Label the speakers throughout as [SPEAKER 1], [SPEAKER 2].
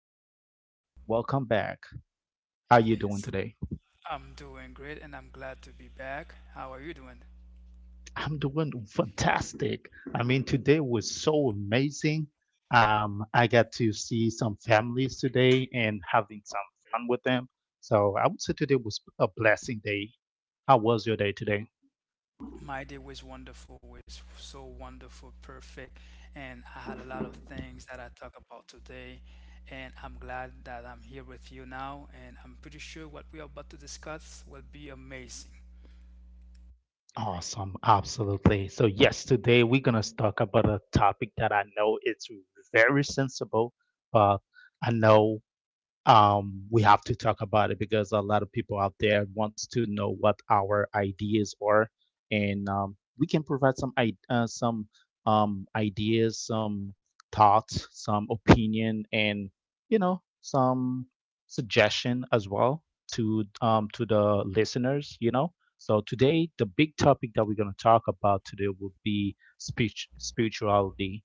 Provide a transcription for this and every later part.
[SPEAKER 1] Mr. Bush. Welcome back. How you doing
[SPEAKER 2] It's,
[SPEAKER 1] today?
[SPEAKER 2] I'm doing great and I'm glad to be back. How are you doing?
[SPEAKER 1] I'm doing fantastic. I mean, today was so amazing. I got to see some families today and having some fun with them. So I would say today was a blessing day. How was your day today?
[SPEAKER 2] My day was wonderful, was so wonderful, perfect, and I had a lot of things that I talk about today. And I'm glad that I'm here with you now, and I'm pretty sure what we are about to discuss will be amazing.
[SPEAKER 1] Awesome, absolutely. So yes, today we're gonna talk about a topic that I know it's very sensible, but I know we have to talk about it because a lot of people out there wants to know what our ideas are, and we can provide some some ideas, some thoughts, some opinion, and some suggestion as well to the listeners. You know, so today the big topic that we're gonna talk about today will be speech spirituality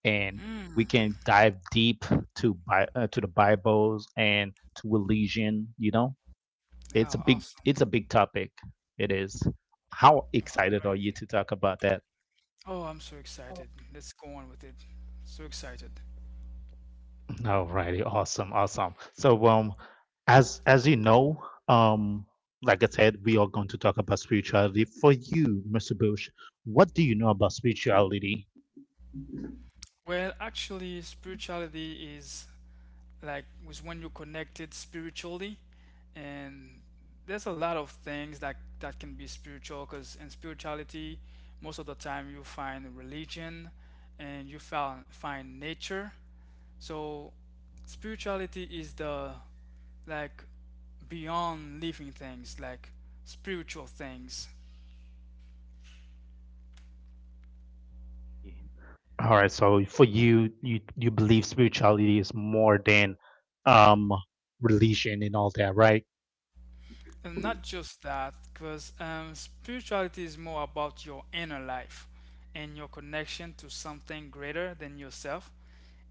[SPEAKER 1] and we
[SPEAKER 2] Mm.
[SPEAKER 1] can dive deep to to the Bibles and to religion. You know,
[SPEAKER 2] Oh, awesome.
[SPEAKER 1] it's a big topic. It is. How
[SPEAKER 2] All
[SPEAKER 1] excited
[SPEAKER 2] right.
[SPEAKER 1] are you to talk about that?
[SPEAKER 2] Oh, I'm so excited. Let's go on with it. So excited.
[SPEAKER 1] Alrighty, awesome, awesome. So, as you know, um, like I said, we are going to talk about spirituality. For you, Mr. Bush, what do you know about spirituality?
[SPEAKER 2] Well, actually, spirituality is like was when you're connected spiritually and there's a lot of things that can be spiritual because in spirituality most of the time you find religion and you found find nature, so spirituality is the, like, beyond living things, like spiritual things.
[SPEAKER 1] All right. So for you, you believe spirituality is more than um religion and all that, right?
[SPEAKER 2] And not just that, because spirituality is more about your inner life and your connection to something greater than yourself.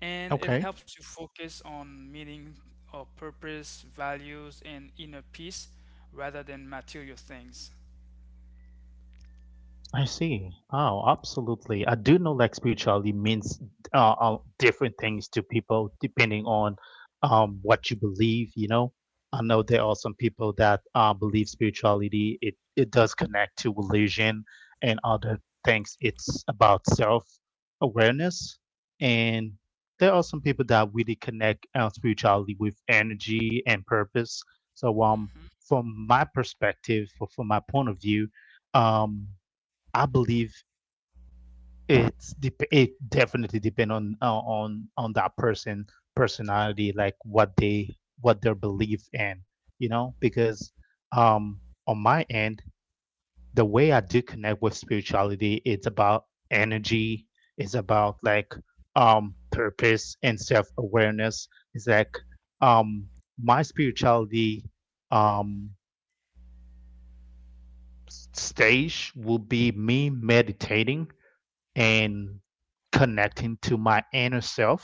[SPEAKER 2] And it
[SPEAKER 1] Okay.
[SPEAKER 2] helps you focus on meaning or purpose, values, and inner peace rather than material things.
[SPEAKER 1] I see. Oh, absolutely. I do know like spirituality means different things to people depending on what you believe, you know. I know there are some people that believe spirituality, it does connect to religion and other things. It's about self-awareness. And there are some people that really connect spirituality with energy and purpose. So
[SPEAKER 2] hmm
[SPEAKER 1] from my perspective, or from my point of view, um, I believe it definitely depend on that person personality, like what they what their belief in, you know, because um on my end, the way I do connect with spirituality, it's about energy, it's about like purpose and self-awareness. It's like um my spirituality um stage will be me meditating and connecting to my inner self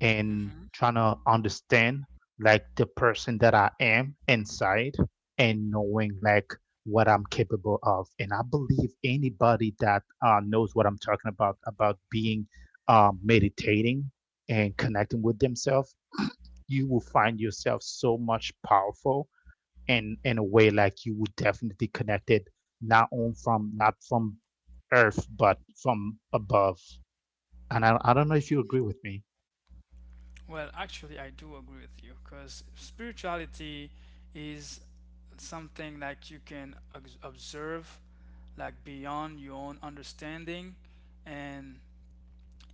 [SPEAKER 1] and
[SPEAKER 2] hmm
[SPEAKER 1] trying to understand like the person that I am inside and knowing like what I'm capable of. And I believe anybody that knows what I'm talking about being meditating and connecting with themselves, you will find yourself so much powerful and in a way like you will definitely connect it not from earth but from above. And I don't know if you agree with me.
[SPEAKER 2] Well, actually, I do agree with you because spirituality is something like you can observe, like beyond your own understanding, and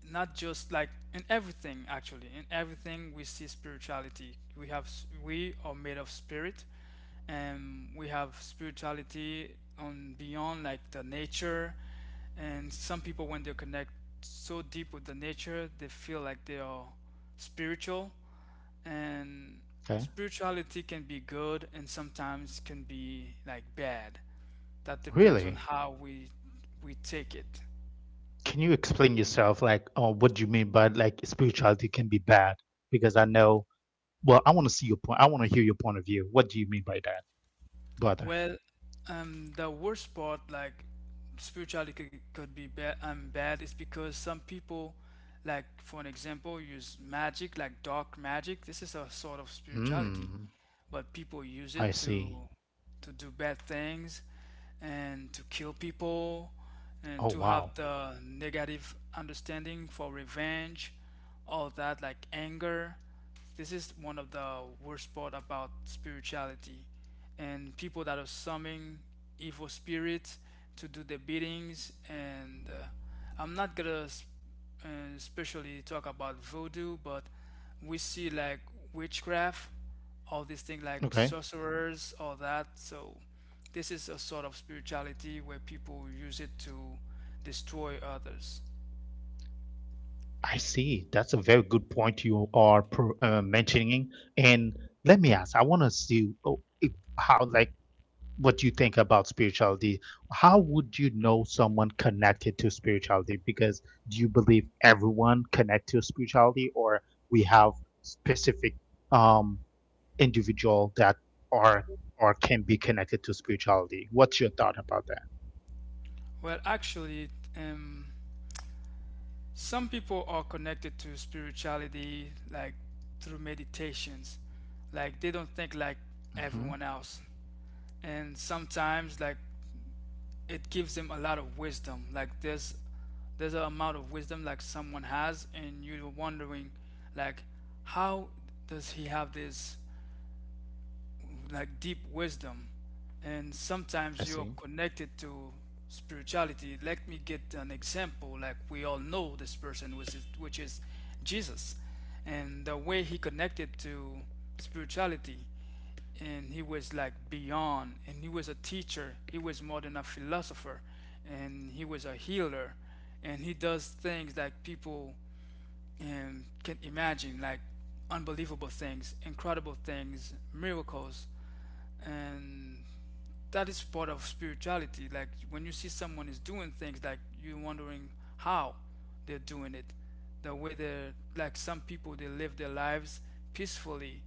[SPEAKER 2] not just like in everything. Actually, in everything we see spirituality. We have, we are made of spirit, and we have spirituality on beyond like the nature. And some people, when they connect so deep with the nature, they feel like they are spiritual. And
[SPEAKER 1] Okay.
[SPEAKER 2] spirituality can be good and sometimes can be like bad. That depends on
[SPEAKER 1] Really?
[SPEAKER 2] how we take it.
[SPEAKER 1] Can you explain yourself? Like, oh, what do you mean by like spirituality can be bad? Because I know, well, I want to see your point. I want to hear your point of view. What do you mean by that, brother?
[SPEAKER 2] Well, the worst part, like spirituality could be bad. Bad is because some people, like for an example, use magic, like dark magic. This is a sort of spirituality,
[SPEAKER 1] Hmm,
[SPEAKER 2] but people use
[SPEAKER 1] I
[SPEAKER 2] it
[SPEAKER 1] see.
[SPEAKER 2] to do bad things and to kill people and
[SPEAKER 1] Oh,
[SPEAKER 2] to
[SPEAKER 1] wow.
[SPEAKER 2] have the negative understanding for revenge, all that, like anger. This is one of the worst part about spirituality and people that are summoning evil spirits to do the biddings. And I'm not gonna uh, especially talk about voodoo, but we see like witchcraft, all these things like
[SPEAKER 1] Okay,
[SPEAKER 2] sorcerers, all that. So this is a sort of spirituality where people use it to destroy others.
[SPEAKER 1] I see. That's a very good point you are mentioning. And let me ask, I want to see how, like, what you think about spirituality. How would you know someone connected to spirituality? Because do you believe everyone connect to spirituality, or we have specific um individual that are or can be connected to spirituality. What's your thought about that?
[SPEAKER 2] Well, actually, um, some people are connected to spirituality like through meditations. Like they don't think like
[SPEAKER 1] Hmm.
[SPEAKER 2] everyone else. And sometimes like it gives them a lot of wisdom. Like there's an amount of wisdom like someone has and you're wondering like how does he have this like deep wisdom. And
[SPEAKER 1] I
[SPEAKER 2] sometimes you're
[SPEAKER 1] see.
[SPEAKER 2] connected to spirituality. Let me get an example. Like we all know this person, which is Jesus, and the way he connected to spirituality, and he was like beyond, and he was a teacher, he was more than a philosopher, and he was a healer, and he does things that people can imagine, like unbelievable things, incredible things, miracles. And that is part of spirituality. Like when you see someone is doing things, like you're wondering how they're doing it. The way they're, like, some people, they live their lives peacefully,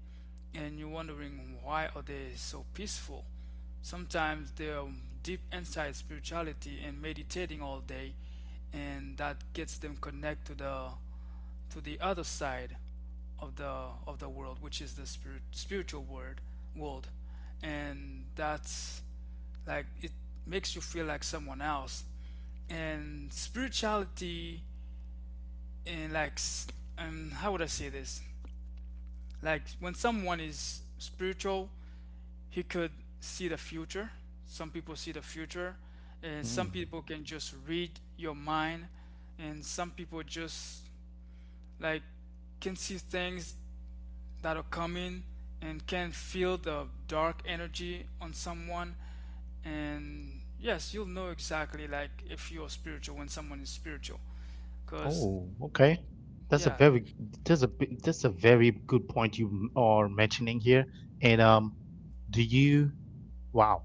[SPEAKER 2] and you're wondering why are they so peaceful. Sometimes they're deep inside spirituality and meditating all day, and that gets them connect to the other side of the world, which is the spirit, spiritual world, and that's like it makes you feel like someone else. And spirituality and like how would I say this? Like when someone is spiritual, he could see the future. Some people see the future, and some
[SPEAKER 1] Mm.
[SPEAKER 2] people can just read your mind, and some people just like can see things that'll come in and can feel the dark energy on someone. And yes, you'll know exactly, like if you're spiritual, when someone is spiritual, because
[SPEAKER 1] Oh, okay. That's a
[SPEAKER 2] yeah,
[SPEAKER 1] very that's a very good point you are mentioning here. And do you wow,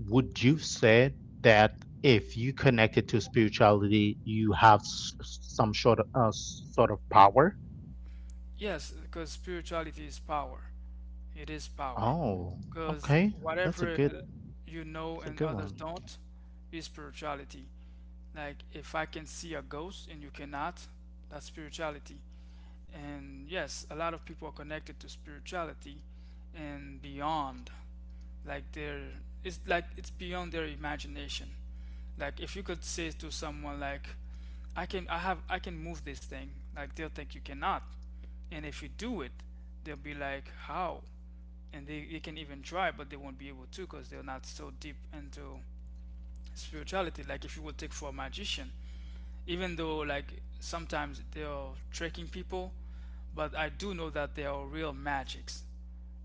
[SPEAKER 1] would you say that if you connected to spirituality, you have some sort of power?
[SPEAKER 2] yes, because spirituality is power. It is power,
[SPEAKER 1] Oh,
[SPEAKER 2] because
[SPEAKER 1] okay. That's a
[SPEAKER 2] whatever
[SPEAKER 1] good
[SPEAKER 2] you know
[SPEAKER 1] that's a
[SPEAKER 2] and
[SPEAKER 1] good
[SPEAKER 2] others
[SPEAKER 1] one.
[SPEAKER 2] don't is spirituality. Like if I can see a ghost and you cannot, that's spirituality. And yes, a lot of people are connected to spirituality and beyond, like their, it's like it's beyond their imagination. Like if you could say to someone like I can, I can move this thing, like they'll think you cannot. And if you do it, they'll be like, how? And they can even try, but they won't be able to, because they're not so deep into spirituality. Like if you would take for a magician, even though like sometimes they're tricking people, but I do know that they are real magics,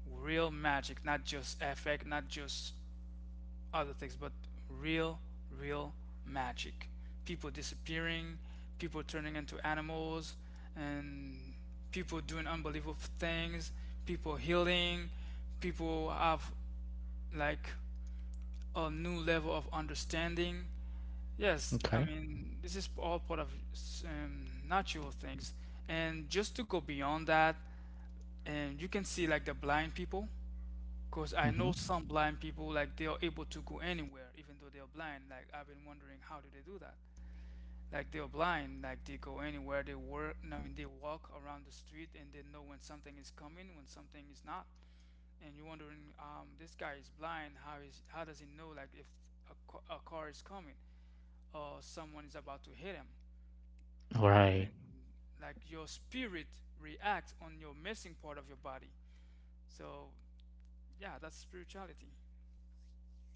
[SPEAKER 2] real magic, not just effect, not just other things, but real, real magic. People disappearing, people turning into animals, and people doing unbelievable things, people healing, people have like a new level of understanding. Yes, I
[SPEAKER 1] Okay.
[SPEAKER 2] mean, this is all part of natural things. And just to go beyond that, and you can see like the blind people, because I
[SPEAKER 1] Mm-hmm.
[SPEAKER 2] know some blind people, like they are able to go anywhere, even though they are blind. Like I've been wondering, how do they do that? Like they are blind, like they go anywhere, they work. I mean, they walk around the street and they know when something is coming, when something is not. And you're wondering, this guy is blind. How is, how does he know, like, if a, a car is coming or someone is about to hit him?
[SPEAKER 1] Right.
[SPEAKER 2] And like your spirit reacts on your missing part of your body. So yeah, that's spirituality.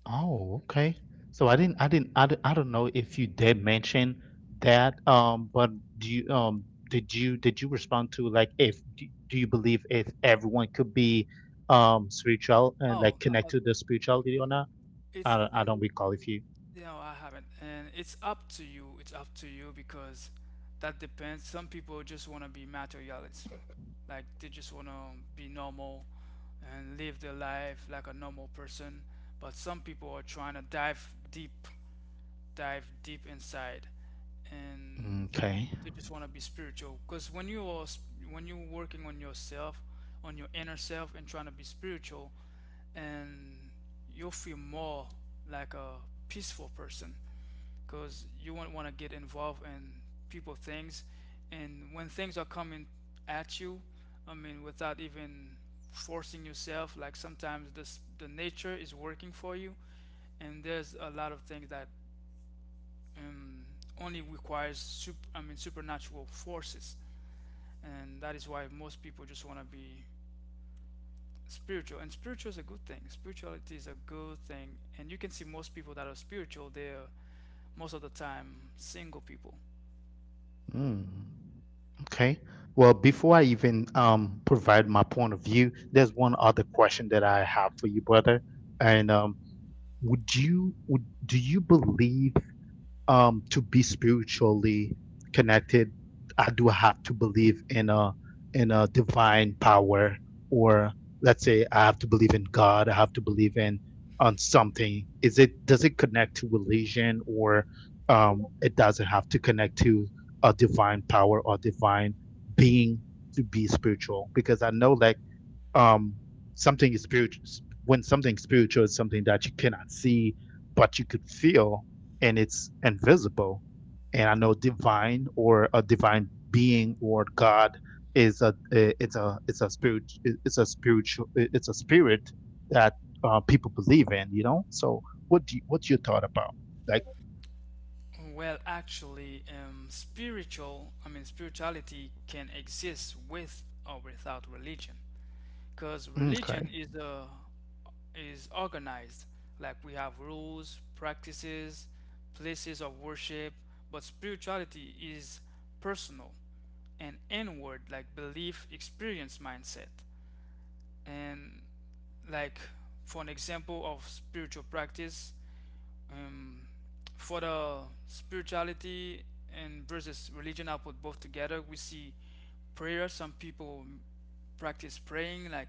[SPEAKER 1] Oh, okay. So I didn't, I don't know if you did mention that, but do you, did you, did you respond to like if, do, do you believe if everyone could be, spiritual and
[SPEAKER 2] Oh,
[SPEAKER 1] like connect
[SPEAKER 2] uh,
[SPEAKER 1] to the spirituality or not?
[SPEAKER 2] it's
[SPEAKER 1] I don't recall if you.
[SPEAKER 2] no, I haven't. And it's up to you. It's up to you, because that depends. Some people just want to be materialism. Like they just want to be normal and live their life like a normal person. But some people are trying to dive deep inside,
[SPEAKER 1] Okay.
[SPEAKER 2] and they just want to be spiritual. Because when you are when you're working on yourself, on your inner self, and trying to be spiritual, and you'll feel more like a peaceful person, because you won't want to get involved in people things. And when things are coming at you, I mean, without even forcing yourself, like sometimes this the nature is working for you. And there's a lot of things that um, only requires sup I mean supernatural forces. And that is why most people just want to be spiritual. And spiritual is a good thing, spirituality is a good thing, and you can see most people that are spiritual, they're most of the time single people.
[SPEAKER 1] Mm, okay. Well, before I even provide my point of view, there's one other question that I have for you, brother. And would you would do you believe to be spiritually connected, I do have to believe in a divine power, or let's say I have to believe in God, I have to believe in on something. Is it, does it connect to religion? Or it doesn't have to connect to a divine power or divine being to be spiritual? Because I know like um something is spiritual when something spiritual is something that you cannot see but you could feel, and it's invisible. And I know divine or a divine being or God is a it's a spirit it's a spiritual, it's a spirit that people believe in, you know. So what do you, what's your thought about like.
[SPEAKER 2] Well, actually, spiritual, I mean, spirituality can exist with or without religion, because religion
[SPEAKER 1] Okay.
[SPEAKER 2] is organized. Like we have rules, practices, places of worship, but spirituality is personal and inward, like belief, experience, mindset. And like for an example of spiritual practice, um, for the spirituality and versus religion, I put both together. We see prayer. Some people practice praying, like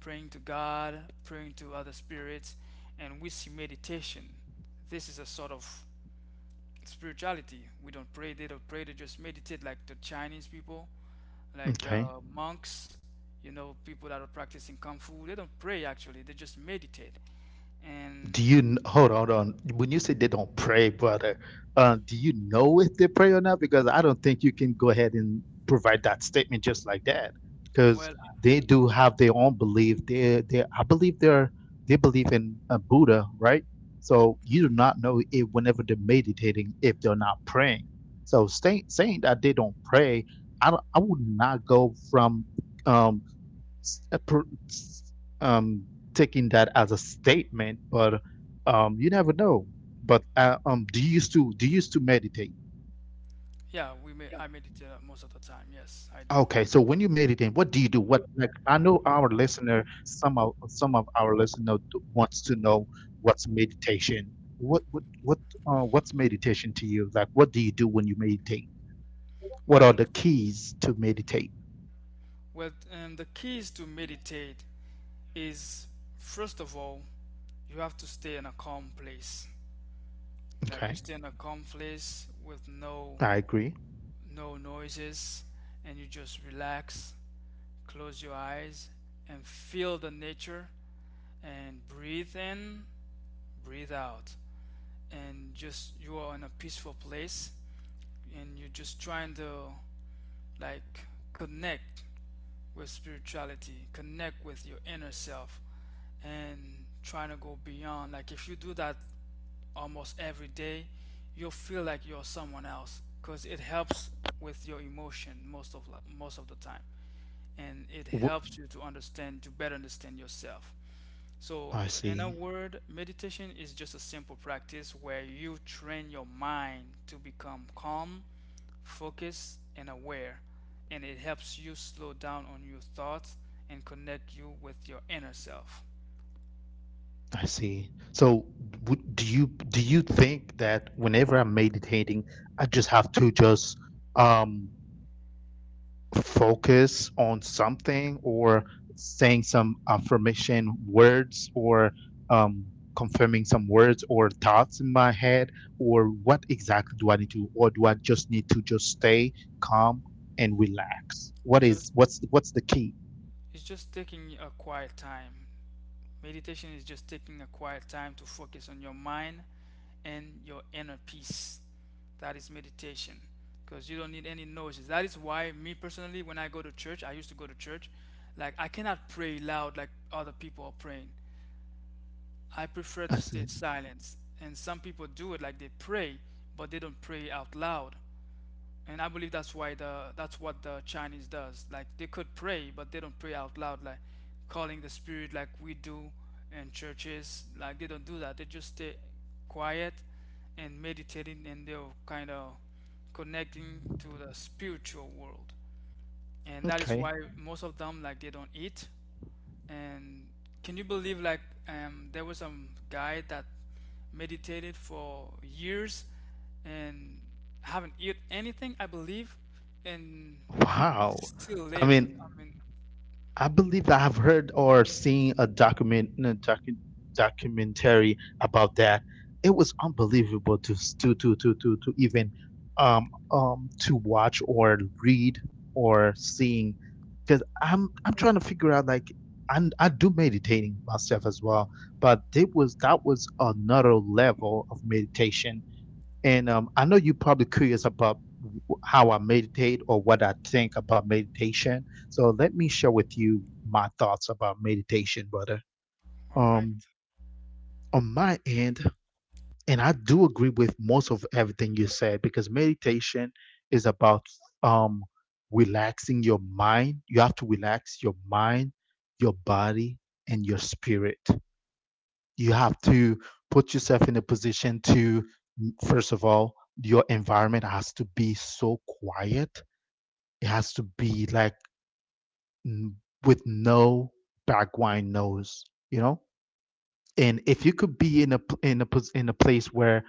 [SPEAKER 2] praying to God, praying to other spirits, and we see meditation. This is a sort of spirituality. We don't pray. They don't pray. They just meditate, like the Chinese people, like
[SPEAKER 1] Okay.
[SPEAKER 2] the monks. You know, people that are practicing kung fu. They don't pray actually. They just meditate. And
[SPEAKER 1] Hold on, hold on? When you say they don't pray, brother, do you know if they pray or not? Because I don't think you can go ahead and provide that statement just like that, because
[SPEAKER 2] well,
[SPEAKER 1] they do have their own belief. They, I believe they believe in Buddha, right? So you do not know if whenever they're meditating if they're not praying. So saying that they don't pray, I would not go from um s- uh, pro- s- um, taking that as a statement, but you never know. But do you used to meditate?
[SPEAKER 2] yeah, we may, I meditate most of the time. Yes, I do.
[SPEAKER 1] Okay, so when you meditate, what do you do? What, like, I know our listener, some of our listener wants to know what's meditation. What what's meditation to you? Like, what do you do when you meditate? What are
[SPEAKER 2] Well,
[SPEAKER 1] the keys to meditate?
[SPEAKER 2] and the keys to meditate is, first of all, you have to stay in a calm place. Like you
[SPEAKER 1] Okay,
[SPEAKER 2] stay in a calm place with no
[SPEAKER 1] I agree.
[SPEAKER 2] no noises, and you just relax, close your eyes and feel the nature and breathe in, breathe out. And just you are in a peaceful place and you're just trying to like connect with spirituality, connect with your inner self, and trying to go beyond. Like if you do that almost every day, you'll feel like you're someone else, because it helps with your emotion most of the time, and it
[SPEAKER 1] Wh-
[SPEAKER 2] helps you to understand to better understand yourself. So,
[SPEAKER 1] I
[SPEAKER 2] in a
[SPEAKER 1] see.
[SPEAKER 2] word, meditation is just a simple practice where you train your mind to become calm, focused, and aware, and it helps you slow down on your thoughts and connect you with your inner self.
[SPEAKER 1] I see. So, do you think that whenever I'm meditating, I just have to just um focus on something, or saying some affirmation words, or um confirming some words or thoughts in my head, or what exactly do I need to, or do I just need to just stay calm and relax? What is
[SPEAKER 2] Just
[SPEAKER 1] what's the key?
[SPEAKER 2] it's just taking a quiet time. Meditation is just taking a quiet time to focus on your mind and your inner peace. That is meditation, because you don't need any noises. That is why, me personally, when I go to church, I used to go to church, like I cannot pray loud like other people are praying. I prefer to
[SPEAKER 1] I
[SPEAKER 2] stay
[SPEAKER 1] see.
[SPEAKER 2] silent. And some people do it like they pray, but they don't pray out loud. And I believe that's why the that's what the Chinese does. Like they could pray, but they don't pray out loud, like calling the spirit like we do in churches. Like they don't do that. They just stay quiet and meditating, and they're kind of connecting to the spiritual world. And that is
[SPEAKER 1] Okay.
[SPEAKER 2] why most of them, like, they don't eat. And can you believe like there was some guy that meditated for years and haven't eat anything, I believe, and
[SPEAKER 1] Wow.
[SPEAKER 2] still
[SPEAKER 1] I
[SPEAKER 2] live.
[SPEAKER 1] mean,
[SPEAKER 2] I mean,
[SPEAKER 1] I believe I have heard or seen a documentary about that. It was unbelievable to to even to watch or read or seeing, because I'm trying to figure out like I do meditating myself as well, but it was that was another level of meditation. And I know you're probably curious about how I meditate or what I think about meditation. So let me share with you my thoughts about meditation, brother.
[SPEAKER 2] all right.
[SPEAKER 1] Um, on my end, and I do agree with most of everything you said, because meditation is about um, relaxing your mind. You have to relax your mind, your body, and your spirit. You have to put yourself in a position to, first of all, your environment has to be so quiet. It has to be like with no background noise, you know. And if you could be in a in a place where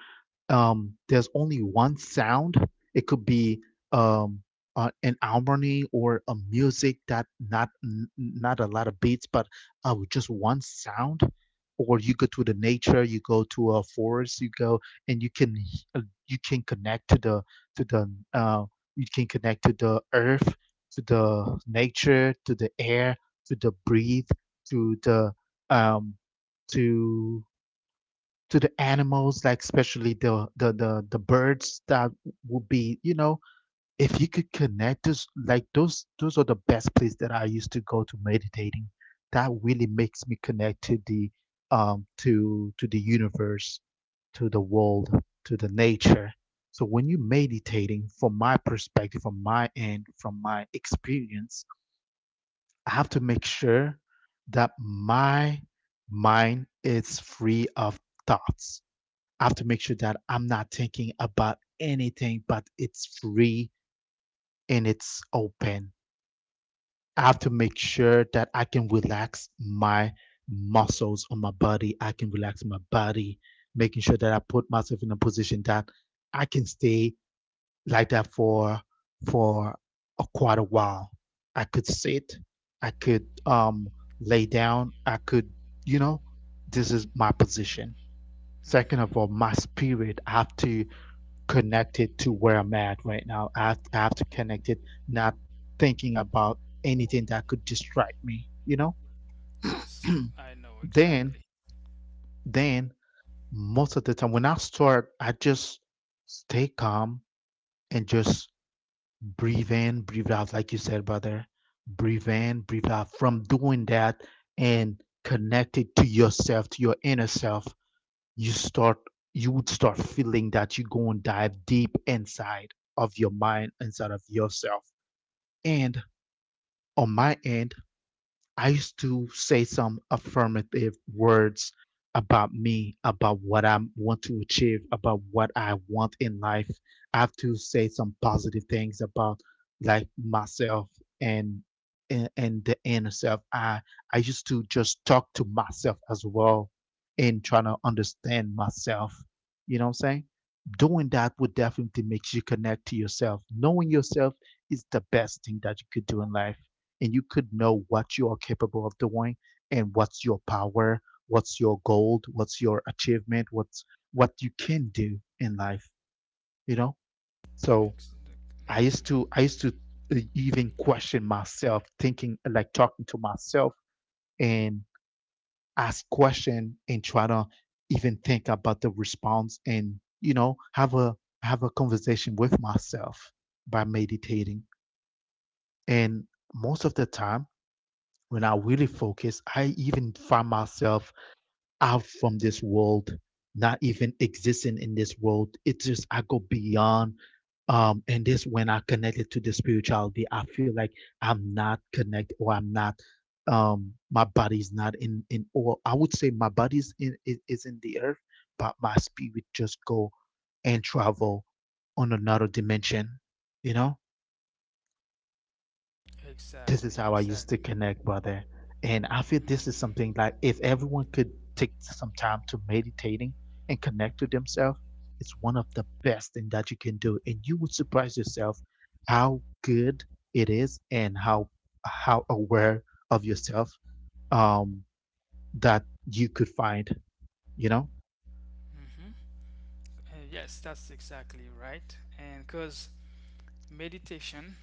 [SPEAKER 1] there's only one sound, it could be um, an harmony or a music that not a lot of beats, but with just one sound. Or you go to the nature, you go to a forest, you go and you can you can connect to the to the uh, you can connect to the earth, to the nature, to the air, to the breathe, to the um, to to the animals, like especially the birds that would be, you know, if you could connect those, like those are the best place that I used to go to meditating. That really makes me connect to the to the universe, to the world, to the nature. So when you're meditating, from my perspective, from my end, from my experience, I have to make sure that my mind is free of thoughts. I have to make sure that I'm not thinking about anything, but it's free and it's open. I have to make sure that I can relax my muscles on my body. I can relax my body, making sure that I put myself in a position that I can stay like that for for a quite a while. I could sit, I could lay down, I could, you know, this is my position.
[SPEAKER 2] Mm-hmm.
[SPEAKER 1] Second
[SPEAKER 2] Mm-hmm.
[SPEAKER 1] of all, my spirit, I have to connected to where I'm at right now. I have to connect it, not thinking about anything that could distract me, you know?
[SPEAKER 2] Yes, I know
[SPEAKER 1] Then,
[SPEAKER 2] exactly.
[SPEAKER 1] then most of the time when I start, I just stay calm and just breathe in, breathe out, like you said, brother. Breathe in, breathe out. From doing that and connected to yourself, to your inner self, you start you would start feeling that you go and dive deep inside of your mind inside of yourself, and on my end, I used to say some affirmative words about me, about what I want to achieve, about what I want in life. I have to say some positive things about, like, myself and and the inner self. I used to just talk to myself as well and trying to understand myself. You know what I'm saying? Doing that would definitely make you connect to yourself. Knowing yourself is the best thing that you could do in life, and you could know what you are capable of doing and what's your power, what's your goal, what's your achievement, what you can do in life, you know? So
[SPEAKER 2] Mhm.
[SPEAKER 1] I used to even question myself, thinking, like, talking to myself and ask question and try to even think about the response, and have a conversation with myself by meditating. And most of the time when I really focus, I even find myself out from this world, not even existing in this world. It's just I go beyond. And this when I connected to the spirituality, I feel like I'm not connected, or I'm not, my body's not in, or I would say my body's in is in the earth, but my spirit just go and travel on another dimension, you know? This is
[SPEAKER 2] Exactly,
[SPEAKER 1] how I used
[SPEAKER 2] exactly.
[SPEAKER 1] to connect, brother. And I feel
[SPEAKER 2] Mm.
[SPEAKER 1] this is something like, if everyone could take some time to meditating and connect to themselves, it's one of the best thing that you can do. And you would surprise yourself how good it is and how aware of yourself um that you could find, you know?
[SPEAKER 2] Yes, that's exactly right. And because meditation,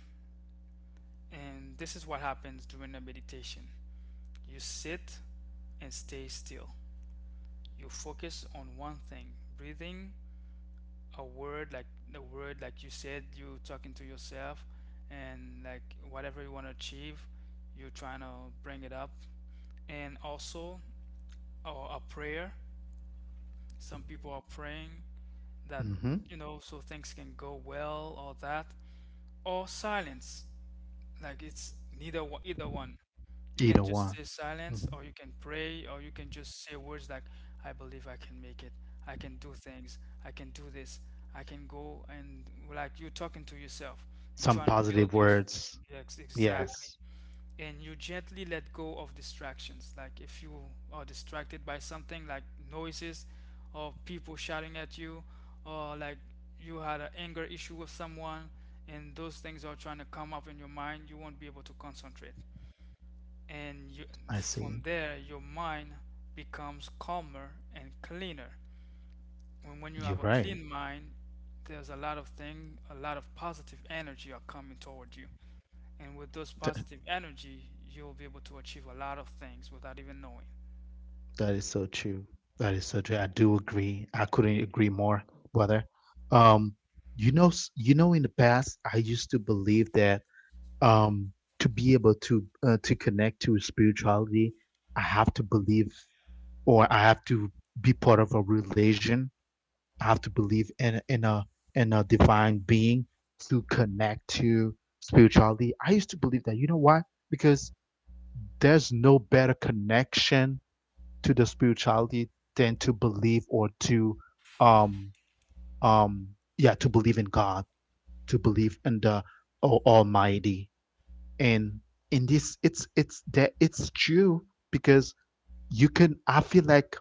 [SPEAKER 2] and this is what happens during a meditation. You sit and stay still. You focus on one thing. Breathing, a word like the word like you said, you talking to yourself and like whatever you want to achieve, you're trying to bring it up. And also or a prayer. Some people are praying that
[SPEAKER 1] Mm-hmm.
[SPEAKER 2] you know so things can go well or that. Or silence. Like it's neither one, either one. You can
[SPEAKER 1] Either
[SPEAKER 2] just
[SPEAKER 1] one.
[SPEAKER 2] stay
[SPEAKER 1] Hmm.
[SPEAKER 2] silent, or you can pray, or you can just say words like, "I believe I can make it. I can do things. I can do this. I can go." And like you're talking to yourself and
[SPEAKER 1] Some
[SPEAKER 2] trying to build
[SPEAKER 1] positive
[SPEAKER 2] your.
[SPEAKER 1] words.
[SPEAKER 2] Yes, exactly,
[SPEAKER 1] Yes,
[SPEAKER 2] and you gently let go of distractions. Like if you are distracted by something like noises or people shouting at you, or like you had an anger issue with someone, and those things are trying to come up in your mind, you won't be able to concentrate. And you,
[SPEAKER 1] I
[SPEAKER 2] from
[SPEAKER 1] see.
[SPEAKER 2] there, your mind becomes calmer and cleaner. And when you
[SPEAKER 1] You're
[SPEAKER 2] have a
[SPEAKER 1] right.
[SPEAKER 2] clean mind, there's a lot of thing, a lot of positive energy are coming toward you. And with those
[SPEAKER 1] Th-
[SPEAKER 2] positive energy, you'll be able to achieve a lot of things without even knowing.
[SPEAKER 1] that is so true. That is so true. I do agree. I couldn't agree more, brother. Um, in the past, I used to believe that, um to be able to, to connect to spirituality, I have to believe, or I have to be part of a religion. I have to believe in a divine being to connect to spirituality. I used to believe that, you know why? Because there's no better connection to the spirituality than to believe or to, um um yeah to believe in God, to believe in the almighty. And in this, it's that it's true, because you can I feel like,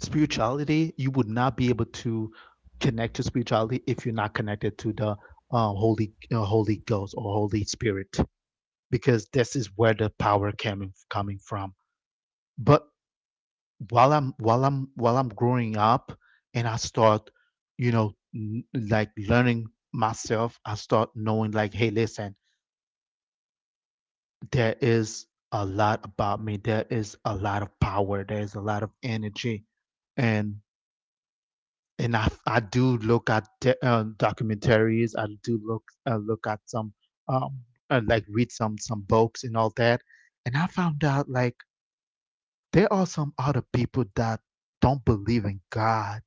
[SPEAKER 1] spirituality, you would not be able to connect to spirituality if you're not connected to the, holy ghost or holy spirit, because this is where the power coming from. But while I'm growing up, and I start, you know n- learning myself, I start knowing, like, hey, listen, there is a lot about me. There is a lot of power. There is a lot of energy, and and I do look at documentaries. I do look at some, um like, read some books and all that, and I found out like there are some other people that don't believe in God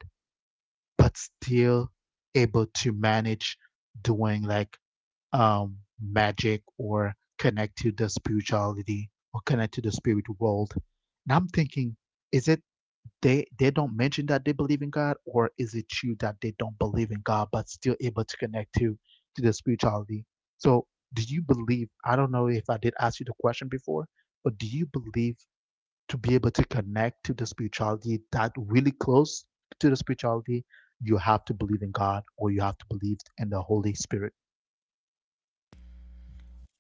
[SPEAKER 1] but still able to manage doing like, magic, or connect to the spirituality or connect to the spirit world. And I'm thinking, is it they don't mention that they believe in God, or is it true that they don't believe in God but still able to connect to the spirituality? So do you believe? I don't know if I did ask you the question before, but do you believe, to be able to connect to the spirituality, that really close to the spirituality, you have to believe in God, or you have to believe in the Holy Spirit?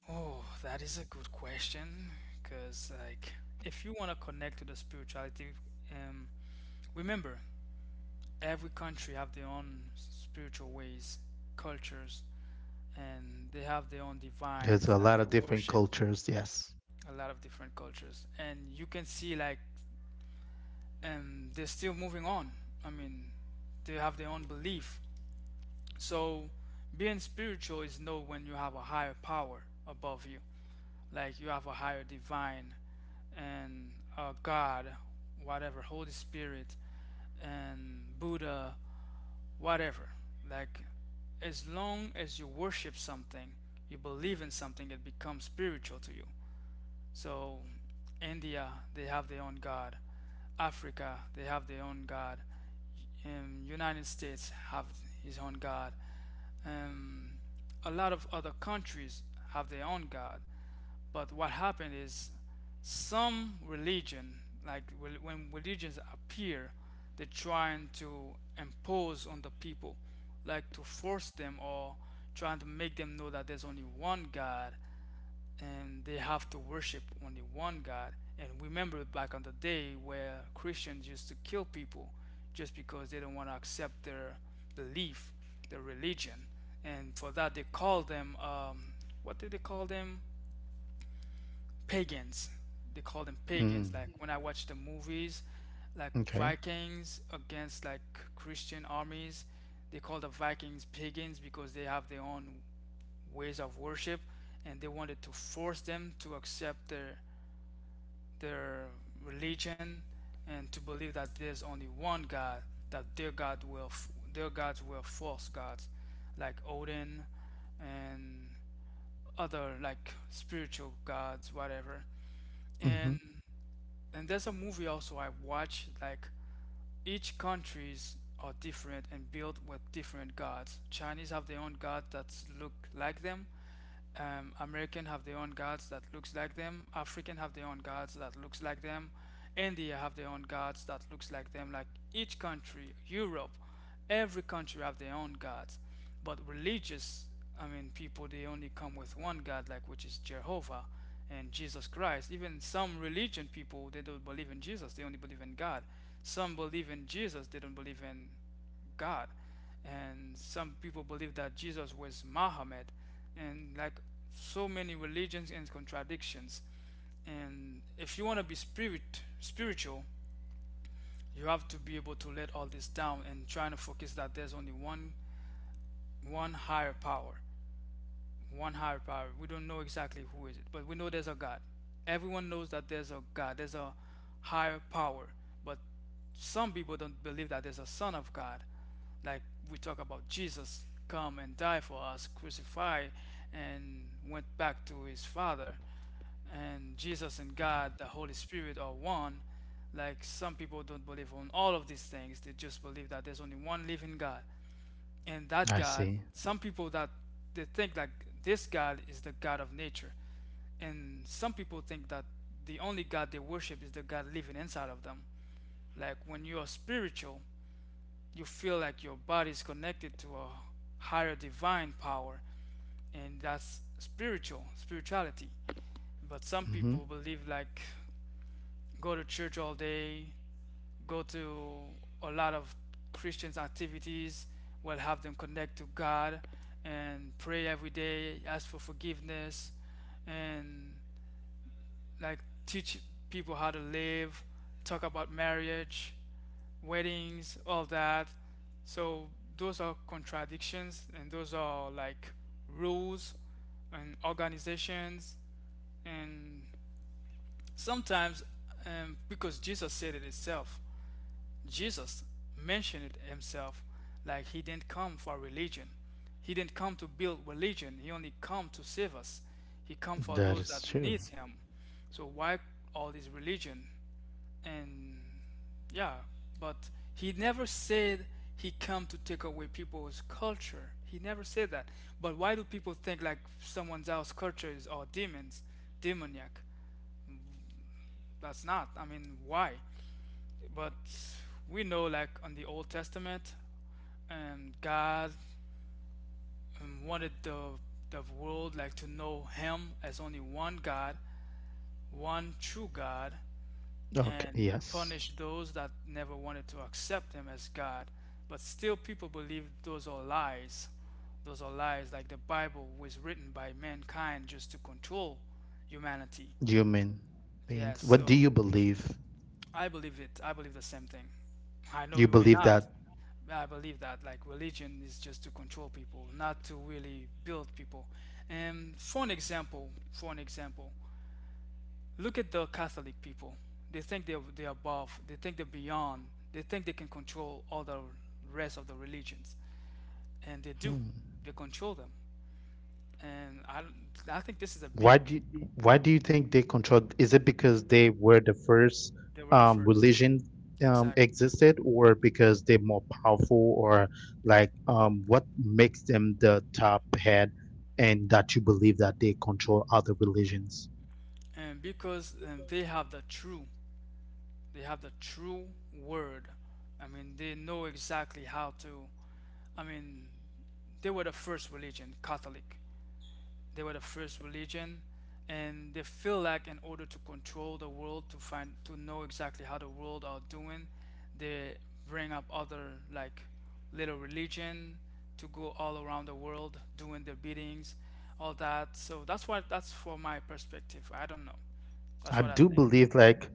[SPEAKER 2] Oh, that is a good question. Because, like, if you want to connect to the spirituality, um, remember, every country have their own spiritual ways, cultures, and they have their own
[SPEAKER 1] There's
[SPEAKER 2] divines
[SPEAKER 1] a
[SPEAKER 2] that
[SPEAKER 1] lot
[SPEAKER 2] they
[SPEAKER 1] of different
[SPEAKER 2] worship.
[SPEAKER 1] cultures, yes.
[SPEAKER 2] A lot of different cultures, and you can see like, they're still moving on. I mean, they have their own belief. So being spiritual is know when you have a higher power above you, like you have a higher divine and a God, whatever, Holy Spirit and Buddha, whatever. Like as long as you worship something, you believe in something, it becomes spiritual to you. So India, they have their own God. Africa, they have their own God. United States have his own God. Um, a lot of other countries have their own God, but what happened is some religion, like when religions appear, they're trying to impose on the people, like to force them or trying to make them know that there's only one God and they have to worship only one God. And remember back on the day where Christians used to kill people just because they don't want to accept their belief, their religion. And for that, they call them, what did they call them? Pagans. They call them
[SPEAKER 1] Mm,
[SPEAKER 2] pagans. Like when I watch the movies, like
[SPEAKER 1] okay.
[SPEAKER 2] Vikings against like Christian armies, they call the Vikings pagans because they have their own ways of worship and they wanted to force them to accept their religion and to believe that there's only one God, that their God will their gods were false gods, like Odin and other like spiritual gods, whatever.
[SPEAKER 1] Hmm.
[SPEAKER 2] And there's a movie also I watched like each countries are different and built with different gods. Chinese have their own god that look like them, American have their own gods that looks like them. African have their own gods that looks like them. India have their own gods that looks like them. Like each country, Europe, every country have their own gods. But religious, I mean, people they only come with one god, like which is Jehovah and Jesus Christ. Even some religion people they don't believe in Jesus. They only believe in God. Some believe in Jesus. They don't believe in God. And some people believe that Jesus was Muhammad, and like so many religions and contradictions. And if you want to be spiritual, you have to be able to let all this down and trying to focus that there's only one one higher power one higher power. We don't know exactly who is it, but we know there's a God. Everyone knows that there's a God. There's a higher power, but some people don't believe that there's a Son of God. Like we talk about Jesus come and die for us, crucify, and went back to his Father. And Jesus and God, the Holy Spirit, are one. Like some people don't believe on all of these things. They just believe that there's only one living God. And that
[SPEAKER 1] I
[SPEAKER 2] God,
[SPEAKER 1] see.
[SPEAKER 2] some people that they think that this God is the God of nature. And some people think that the only God they worship is the God living inside of them. Like when you are spiritual, you feel like your body is connected to a higher divine power, and that's spirituality. But some
[SPEAKER 1] Hmm.
[SPEAKER 2] people believe like go to church all day, go to a lot of Christians activities will have them connect to God and pray every day, ask for forgiveness, and like teach people how to live, talk about marriage, weddings, all that. So those are contradictions and those are like rules and organizations and sometimes because Jesus mentioned it himself like he didn't come for religion. He didn't come to build religion. He only come to save us. He come for
[SPEAKER 1] That
[SPEAKER 2] those
[SPEAKER 1] is
[SPEAKER 2] that
[SPEAKER 1] true.
[SPEAKER 2] needs him. So why all this religion? And yeah, but he never said he come to take away people's culture. He never said that. But why do people think like someone else's culture is all demons, demoniac? That's not. I mean, why? But we know like on the Old Testament, and God wanted the world like to know Him as only one God, one true God,
[SPEAKER 1] Okay.
[SPEAKER 2] and
[SPEAKER 1] Yes.
[SPEAKER 2] punish those that never wanted to accept Him as God. But still, people believe those are lies. Those are lies. Like the Bible was written by mankind just to control humanity.
[SPEAKER 1] Human
[SPEAKER 2] Yeah.
[SPEAKER 1] beings. What do
[SPEAKER 2] So.
[SPEAKER 1] you believe?
[SPEAKER 2] I believe it. I believe the same thing. I know
[SPEAKER 1] You
[SPEAKER 2] you may
[SPEAKER 1] believe
[SPEAKER 2] not,
[SPEAKER 1] that?
[SPEAKER 2] but I believe that like religion is just to control people, not to really build people. And for an example, look at the Catholic people. They think they're above. They think they're beyond. They think they can control all the rest of the religions, and they do.
[SPEAKER 1] Hmm.
[SPEAKER 2] They control them. And I think this is a
[SPEAKER 1] Why do
[SPEAKER 2] big.
[SPEAKER 1] you, Why do you think they control? Is it because they were the first,
[SPEAKER 2] They were the first.
[SPEAKER 1] religion,
[SPEAKER 2] Exactly.
[SPEAKER 1] existed, or because they're more powerful, or like, what makes them the top head, and that you believe that they control other religions?
[SPEAKER 2] And because they have the true word. I mean, they know exactly how to. I mean, they were the first religion, Catholic. They were the first religion, and they feel like in order to control the world, to find, to know exactly how the world are doing, they bring up other like little religion to go all around the world doing their beatings, all that. So that's what that's for my perspective. I don't know. That's
[SPEAKER 1] I
[SPEAKER 2] what I
[SPEAKER 1] do
[SPEAKER 2] think.
[SPEAKER 1] believe like,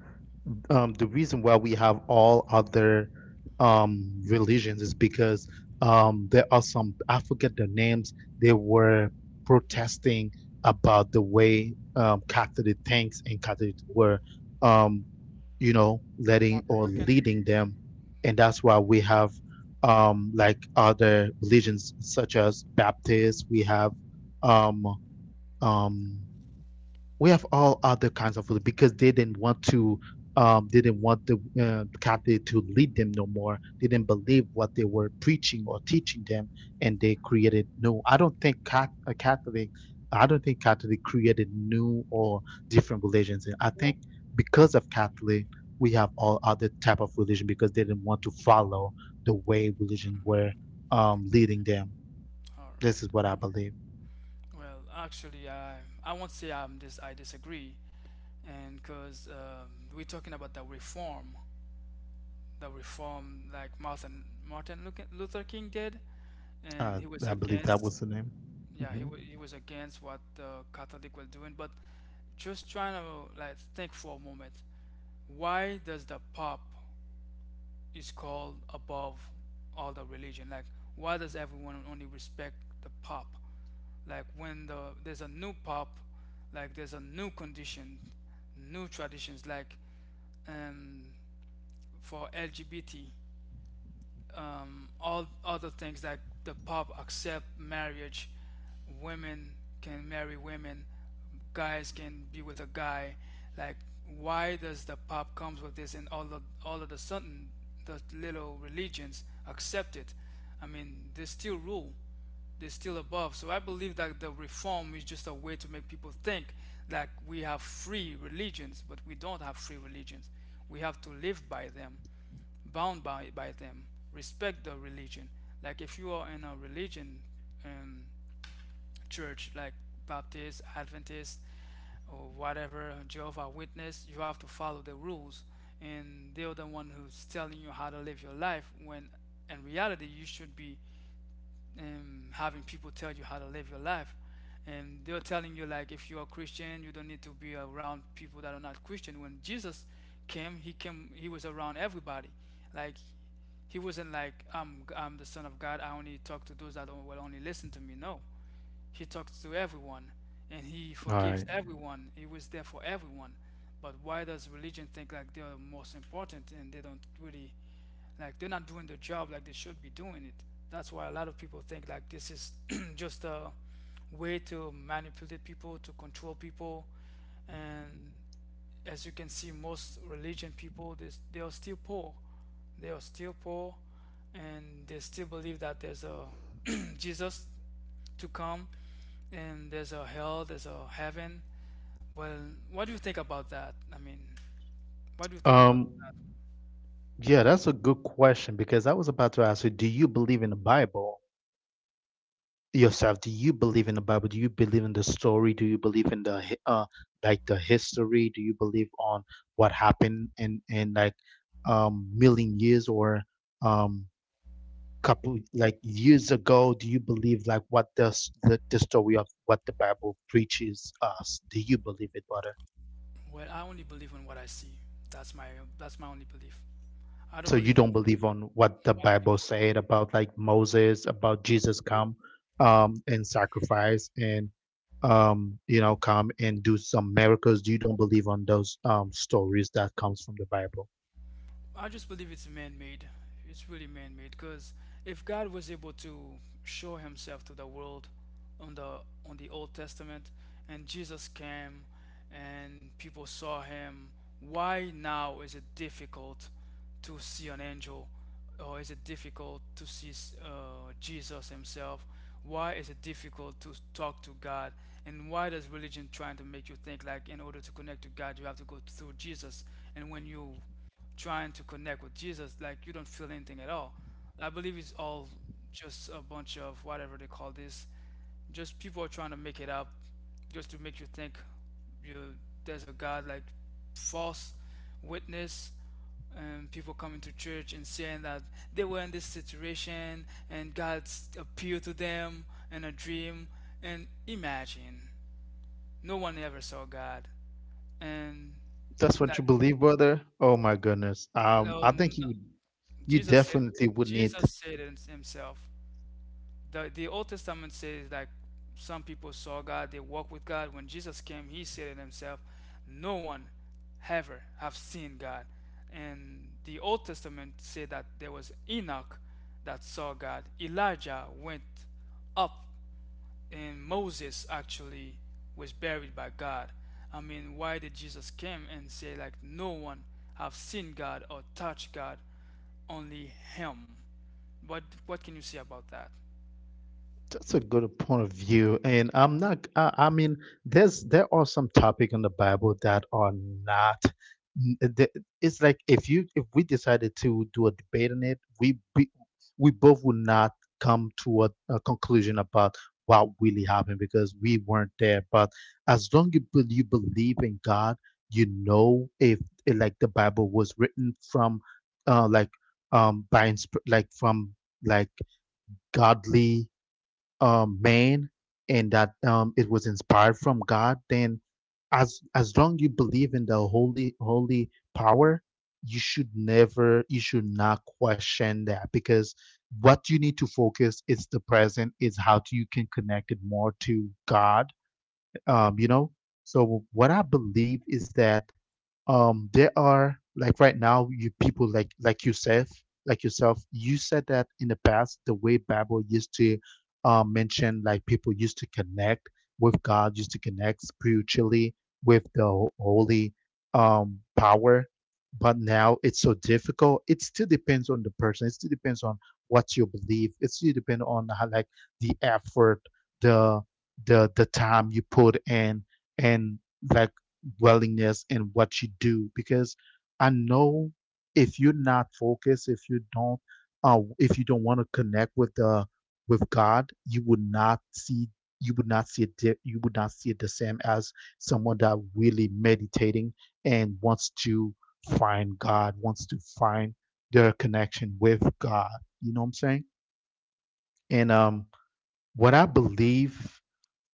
[SPEAKER 1] the reason why we have all other, religions is because, there are some, I forget the names, they were protesting about the way, Catholic thinks, and Catholic were, um, letting
[SPEAKER 2] Martin
[SPEAKER 1] or
[SPEAKER 2] Luther.
[SPEAKER 1] leading
[SPEAKER 2] King.
[SPEAKER 1] them, and that's why we have, like, other religions such as Baptists. We have um, um, we have all other kinds of, because they didn't want to, they didn't want the, captive to lead them no more. They didn't believe what they were preaching or teaching them, and they created new. I don't think cat, a catholic I don't think catholic created new or different religions, and I think because of Catholic, we have all other type of religion, because they didn't want to follow the way religion were, leading them.
[SPEAKER 2] All
[SPEAKER 1] This
[SPEAKER 2] right.
[SPEAKER 1] is what I believe.
[SPEAKER 2] Well, actually, I won't say I disagree, and because we're talking about the reform like Martin Luther King did, and
[SPEAKER 1] uh,
[SPEAKER 2] he was
[SPEAKER 1] i believe that
[SPEAKER 2] against,
[SPEAKER 1] was the name.
[SPEAKER 2] yeah,
[SPEAKER 1] Mhm.
[SPEAKER 2] he was against what the Catholic were doing. But just trying to like think for a moment, why does the Pope is called above all the religion? Like, why does everyone only respect the Pope? Like when there's a new pop, like there's a new condition, new traditions, like um for LGBT, all other things like the pub accept marriage, women can marry women, guys can be with a guy. Like, why does the pub comes with this and all of the sudden the little religions accept it? I mean, they still rule. They're still above. So I believe that the reform is just a way to make people think that we have free religions, but we don't have free religions. We have to live by them, bound by them. Respect the religion. Like if you are in a religion um, church, like Baptist, Adventist, or whatever, Jehovah Witness, you have to follow the rules. And they're the one who's telling you how to live your life when in reality you should be having people tell you how to live your life, and they're telling you like if you're a Christian you don't need to be around people that are not Christian, when Jesus came he came, he was around everybody. Like he wasn't like I'm the Son of God, I only talk to those that will only listen to me. No, he talks to everyone, and he
[SPEAKER 1] All
[SPEAKER 2] forgives
[SPEAKER 1] right.
[SPEAKER 2] everyone, he was there for everyone. But why does religion think like they're most important and they don't really like they're not doing their job like they should be doing it. That's why a lot of people think like this is just a way to manipulate people, to control people. And as you can see, most religion people, they are still poor. They are still poor and they still believe that there's a Jesus to come and there's a hell, there's a heaven. Well, what do you think about that? I mean, what do you think about
[SPEAKER 1] Um,
[SPEAKER 2] that?
[SPEAKER 1] yeah, that's a good question, because I was about to ask you, do you believe in the Bible yourself? Do you believe in the Bible? Do you believe in the story? Do you believe in the, like, the history? Do you believe on what happened in, like, million years, or um couple, like, years ago? Do you believe like what the story of what the Bible preaches us? Do you believe it, brother?
[SPEAKER 2] Well, I only believe on what I see. That's my only belief. I don't
[SPEAKER 1] So you
[SPEAKER 2] believe
[SPEAKER 1] don't believe on what
[SPEAKER 2] on
[SPEAKER 1] the
[SPEAKER 2] what
[SPEAKER 1] Bible
[SPEAKER 2] people
[SPEAKER 1] said about, like, Moses, about Jesus come, and sacrifice, and, come and do some miracles? You don't believe on those, stories that comes from the Bible?
[SPEAKER 2] I just believe it's man-made. It's really man-made because if God was able to show himself to the world on the Old Testament and Jesus came and people saw him, why now is it difficult to see an angel or is it difficult to see Jesus himself? Why is it difficult to talk to God? And why does religion trying to make you think like in order to connect to God you have to go through Jesus? And when you trying to connect with Jesus, like you don't feel anything at all. I believe it's all just a bunch of whatever they call this. Just people are trying to make it up, just to make you think you there's a God like false witness and people coming to church and saying that they were in this situation and God appeared to them in a dream. And imagine, no one ever saw God. And
[SPEAKER 1] That's
[SPEAKER 2] like,
[SPEAKER 1] what you believe, brother. Oh my goodness. I think
[SPEAKER 2] um,
[SPEAKER 1] you
[SPEAKER 2] Jesus said,
[SPEAKER 1] definitely would need.
[SPEAKER 2] Jesus said it himself. The Old Testament says like some people saw God, they walked with God. When Jesus came, he said it himself, no one ever have seen God. And the Old Testament said that there was Enoch that saw God. Elijah went up and Moses actually was buried by God. I mean, why did Jesus came and say like no one have seen God or touched God, only him? But what can you say about that?
[SPEAKER 1] That's a good point of view, and I'm not. I mean, there are some topic in the Bible that are not. n- the- It's like, if we decided to do a debate on it, we both would not come to a conclusion about what really happened, because we weren't there. But as long as you believe in God, if, like, the Bible was written from, like, by, like, from, like, godly, man, and that, it was inspired from God, then as long you believe in the holy power, you should never you should not question that, because what you need to focus is the present, is how do you can connect it more to God um, you know, so what I believe is that, there are, like, right now, you people like yourself, like yourself. You said that in the past, the way Bible used to, mention, like, people used to connect with God, used to connect spiritually with the, holy, power. But now it's so difficult. It still depends on the person. It still depends on what you believe. It still depends on how, like, the effort, the the time you put in, and, like, willingness in what you do, because I know, if you're not focused, if you don't, if you don't want to connect with the with God, you would not see you would not see it you would not see it the same as someone that really meditating and wants to find God, wants to find their connection with God. You know what I'm saying? And what I believe,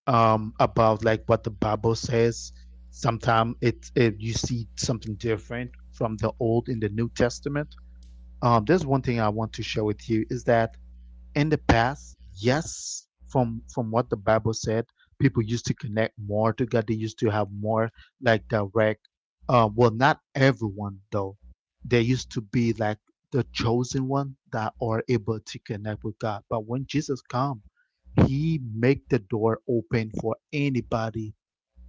[SPEAKER 1] about, like, what the Bible says, sometimes it, it you see something different from the Old, in the New Testament. There's one thing I want to share with you, is that, in the past, yes, from what the Bible said, people used to connect more to God. They used to have more, like, direct. Well, not everyone though. They used to be like the chosen one that are able to connect with God. But when Jesus come, He make the door open for anybody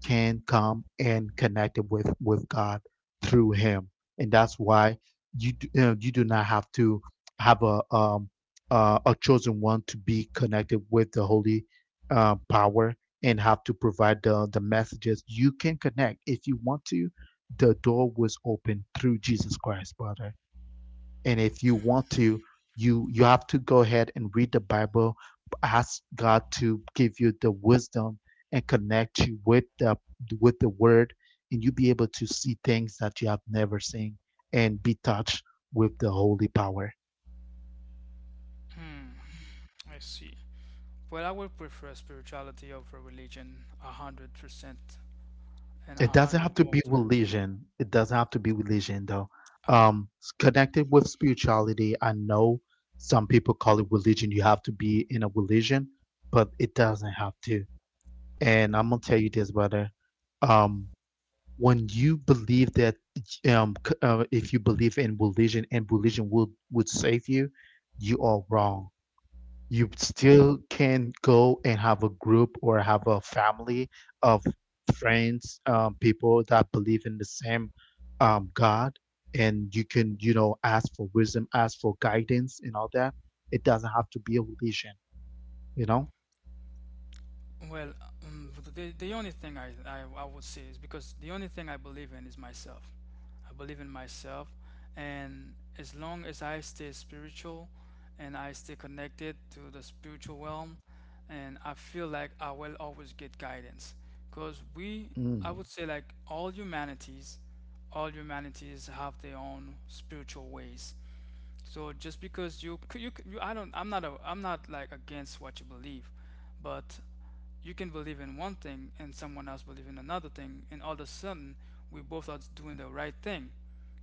[SPEAKER 1] can come and connect with God through Him, and that's why you do not have to have a chosen one to be connected with the Holy, power, and have to provide the messages. You can connect if you want to. The door was open through Jesus Christ, brother, and if you want to, you have to go ahead and read the Bible, ask God to give you the wisdom and connect you with the word, and you'll be able to see things that you have never seen and be touched with the holy power.
[SPEAKER 2] I see. Well, I would prefer spirituality over religion 100% and a
[SPEAKER 1] It doesn't
[SPEAKER 2] hundred
[SPEAKER 1] have to
[SPEAKER 2] more
[SPEAKER 1] be
[SPEAKER 2] times.
[SPEAKER 1] religion, it doesn't have to be religion though.
[SPEAKER 2] I
[SPEAKER 1] Connected with spirituality. I know some people call it religion, you have to be in a religion, but it doesn't have to. And I'm gonna tell you this, brother. Um, when you believe that, if you believe in religion and religion would save you, you are wrong. You still can go and have a group or have a family of friends, people that believe in the same God, and you can, you know, ask for wisdom, ask for guidance, and all that. It doesn't have to be a religion, you know.
[SPEAKER 2] Well, the only thing I would say is because the only thing I believe in is myself. I believe in myself, and as long as I stay spiritual, and I stay connected to the spiritual realm, and I feel like I will always get guidance. Because we, I
[SPEAKER 1] Mm.
[SPEAKER 2] would say, like all humanities have their own spiritual ways so just because you I don't, I'm not a, I'm not like against what you believe, but you can believe in one thing and someone else believe in another thing, and all of a sudden we both are doing the right thing.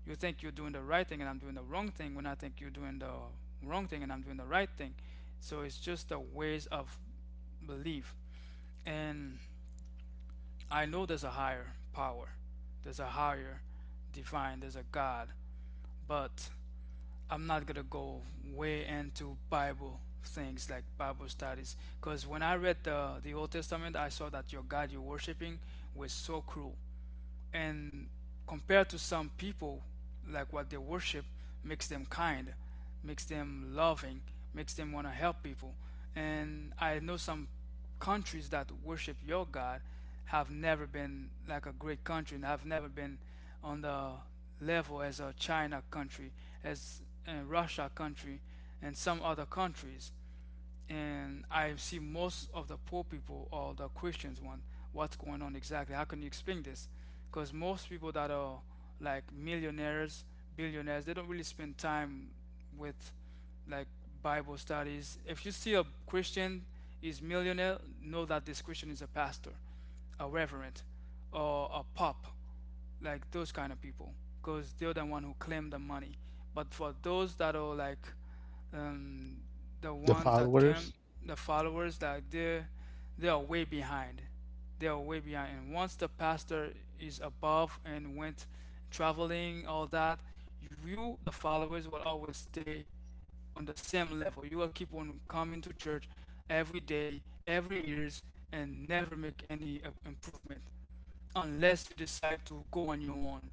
[SPEAKER 2] You think you're doing the right thing and I'm doing the wrong thing, when I think you're doing the wrong thing and I'm doing the right thing. So it's just the ways of belief. And I know there's a higher power, there's a higher divine, there's a God, but I'm not gonna go way into Bible things like Bible studies because when I read the Old Testament, I saw that your God you're worshiping was so cruel and compared to some people like what they worship makes them kind makes them loving makes them want to help people and I know some countries that worship your God have never been like a great country and have never been on the level as a China country as a Russia country and some other countries and I see most of the poor people or the Christians one, what's going on exactly? How can you explain this? Because most people that are like millionaires, billionaires, they don't really spend time with like Bible studies. If you see a Christian is millionaire, know that this Christian is a pastor, a reverend, or a pop like those kind of people because they're the one who claim the money but for those that are like um, the
[SPEAKER 1] The
[SPEAKER 2] ones that came
[SPEAKER 1] followers.
[SPEAKER 2] the followers like they are way behind they are way behind and once the pastor is above and went traveling all that you the followers will always stay on the same level. You will keep on coming to church every day, every years, and never make any improvement unless you decide to go on your own.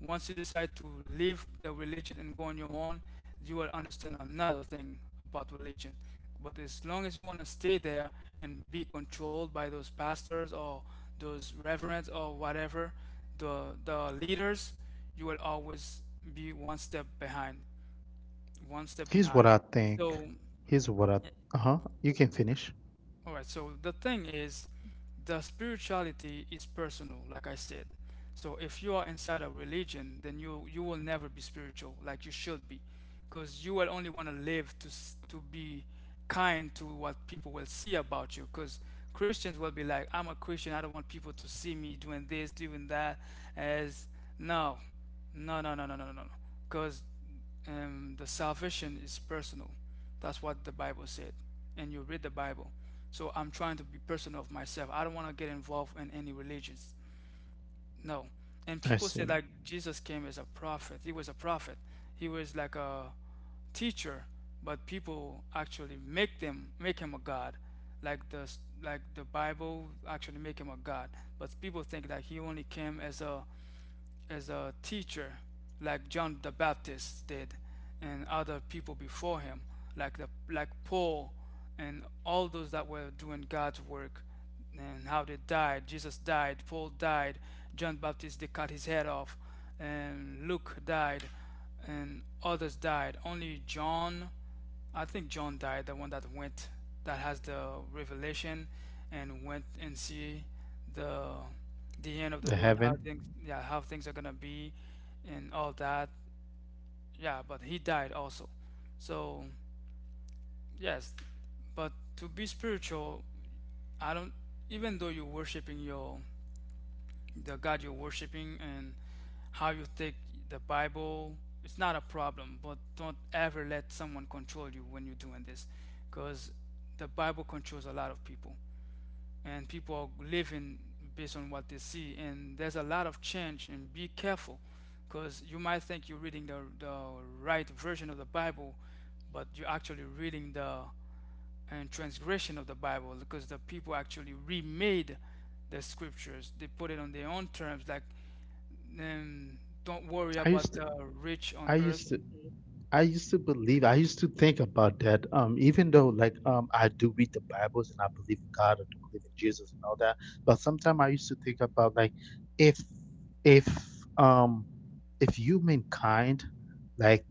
[SPEAKER 2] Once you decide to leave the religion and go on your own, you will understand another thing about religion. But as long as you want to stay there and be controlled by those pastors or those reverends or whatever, the leaders, you will always be one step behind, one step
[SPEAKER 1] Here's what
[SPEAKER 2] behind.
[SPEAKER 1] I think.
[SPEAKER 2] So
[SPEAKER 1] Here's what I. Uh huh. You can finish.
[SPEAKER 2] all right, so the thing is, the spirituality is personal, like I said. So if you are inside a religion, then you will never be spiritual like you should be, because you will only want to live to be kind to what people will see about you. Because Christians will be like, I'm a Christian, I don't want people to see me doing this, doing that. As no, no, no, no, no, no, no, no, because the salvation is personal. That's what the Bible said. And you read the Bible. So I'm trying to be personal of myself. I don't want to get involved in any religions. No. And
[SPEAKER 1] I
[SPEAKER 2] people say
[SPEAKER 1] see.
[SPEAKER 2] that Jesus came as a prophet. He was a prophet. He was like a teacher, but people actually make them make him a god. Like the like the Bible actually make him a god. But people think that he only came as a teacher, like John the Baptist did, and other people before him, like the like Paul, and all those that were doing God's work, and how they died. Jesus died, Paul died, John the Baptist they cut his head off, and Luke died, and others died. Only John I think John died, the one that went, that has the revelation and went and see the the end of the
[SPEAKER 1] The
[SPEAKER 2] world, how
[SPEAKER 1] heaven.
[SPEAKER 2] things, yeah, how things are gonna be, and all that. Yeah, but he died also. So yes, but to be spiritual, I don't. Even though you're worshiping your the God you're worshiping and how you take the Bible. It's not a problem, but don't ever let someone control you when you're doing this because the Bible controls a lot of people and people are living based on what they see and there's a lot of change and be careful because you might think you're reading the right version of the Bible but you're actually reading the and transgression of the Bible because the people actually remade the scriptures. They put it on their own terms, like um, don't worry
[SPEAKER 1] I used
[SPEAKER 2] about
[SPEAKER 1] to.
[SPEAKER 2] the rich on
[SPEAKER 1] I
[SPEAKER 2] earth.
[SPEAKER 1] used to. I used to believe. I used to think about that. Even though, like, I do read the Bibles and I believe in God, I do believe in Jesus and all that. But sometimes I used to think about like, if, if, um, if you mean kind, like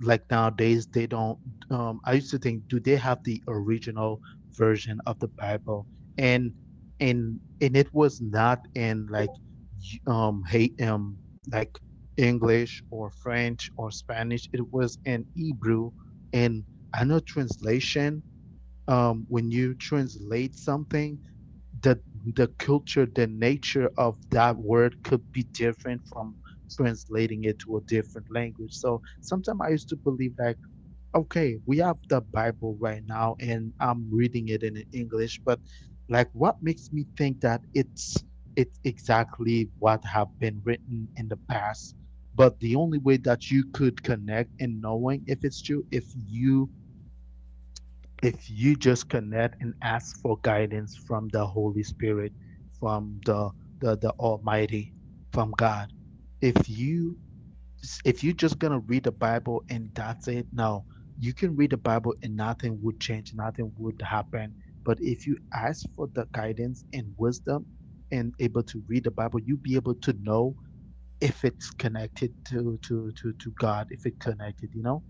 [SPEAKER 1] like nowadays they don't. I used to think, do they have the original version of the Bible? And and it was not in like y- hate like English or French or Spanish. It was in Hebrew, and I know translation. When you translate something, the the culture, the nature of that word could be different from translating it to a different language. So sometimes I used to believe like, okay, we have the Bible right now and I'm reading it in English, but like what makes me think that it's exactly what have been written in the past. But the only way that you could connect and knowing if it's true, if you just connect and ask for guidance from the Holy Spirit, from the Almighty, from God. If you if you're just gonna read the Bible and that's it, no, you can read the Bible and nothing would change, nothing would happen. But if you ask for the guidance and wisdom and able to read the Bible, you'll be able to know if it's connected to God, if it connected, you know?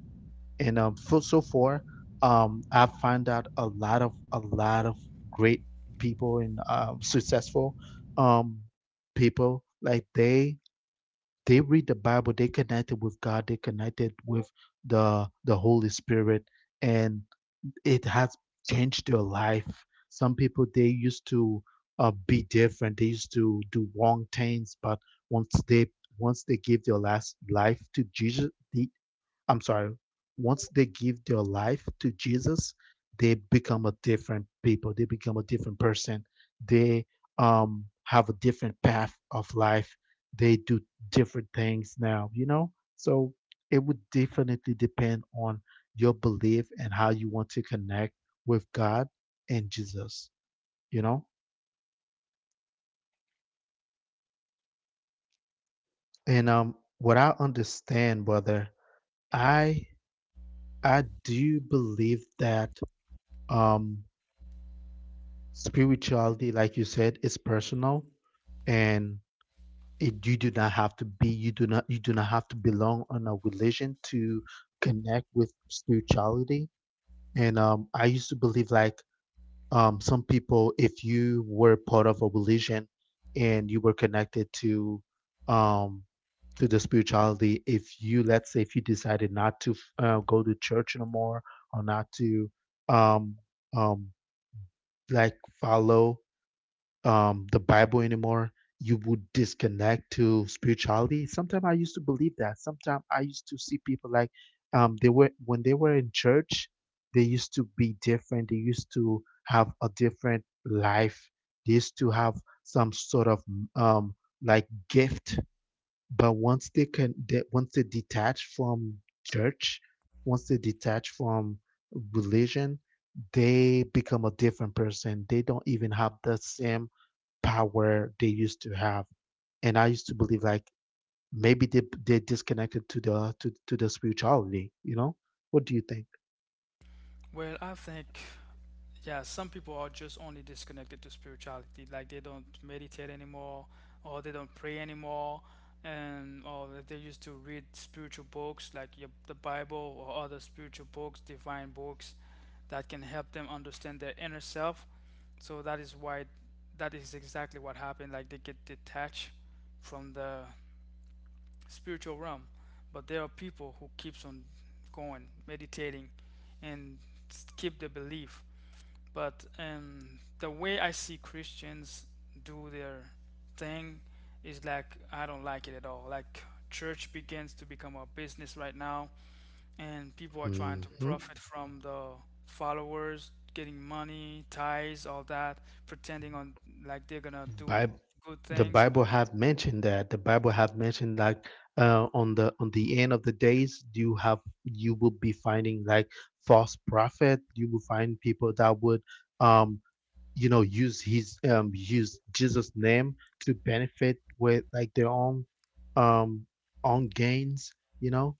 [SPEAKER 1] And so far, I find out a lot of great people and successful um, people. Like they read the Bible, they connected with God, they connected with the Holy Spirit, and it has changed their life. Some people they used to be different. They used to do wrong things, but once they once they give their last life to Jesus, the, I'm sorry, once they give their life to Jesus, they become a different people. They become a different person. They have a different path of life. They do different things now, you know? So it would definitely depend on your belief and how you want to connect with God and Jesus, you know? And what I understand, brother, I I do believe that um spirituality like you said is personal, and it, you do not have to be you do not have to belong on a religion to connect with spirituality. And I used to believe like some people, if you were part of a religion and you were connected um to the spirituality, if you let's say if you decided not to go to church anymore, or not to um um like follow the Bible anymore. You would disconnect to spirituality. Sometimes I used to believe that. Sometimes I used to see people like they were when they were in church, they used to be different. They used to have a different life. They used to have some sort of um, like gift. But once they detach from church, once they detach from religion, they become a different person. They don't even have the same power they used to have. And I used to believe like maybe they disconnected to the to the spirituality, you know? What do you think?
[SPEAKER 2] Well, I think, yeah, some people are just only disconnected to spirituality. Like they don't meditate anymore, or they don't pray anymore, and or they used to read spiritual books like your, the Bible or other spiritual books, divine books, that can help them understand their inner self. So that is why, that is exactly what happened. Like they get detached from the spiritual realm but there are people who keeps on going meditating and keep the belief but the way I see Christians do their thing is like I don't like it at all like church begins to become a business right now and people are trying to
[SPEAKER 1] Hmm.
[SPEAKER 2] profit from the followers getting money tithes all that pretending on like they're gonna do
[SPEAKER 1] Bible,
[SPEAKER 2] good
[SPEAKER 1] the
[SPEAKER 2] things but
[SPEAKER 1] Bible have mentioned that. The Bible have mentioned like on the end of the days, you have you will be finding like false prophet. You will find people that would um you know use his use Jesus name to benefit with like their own um own gains, you know.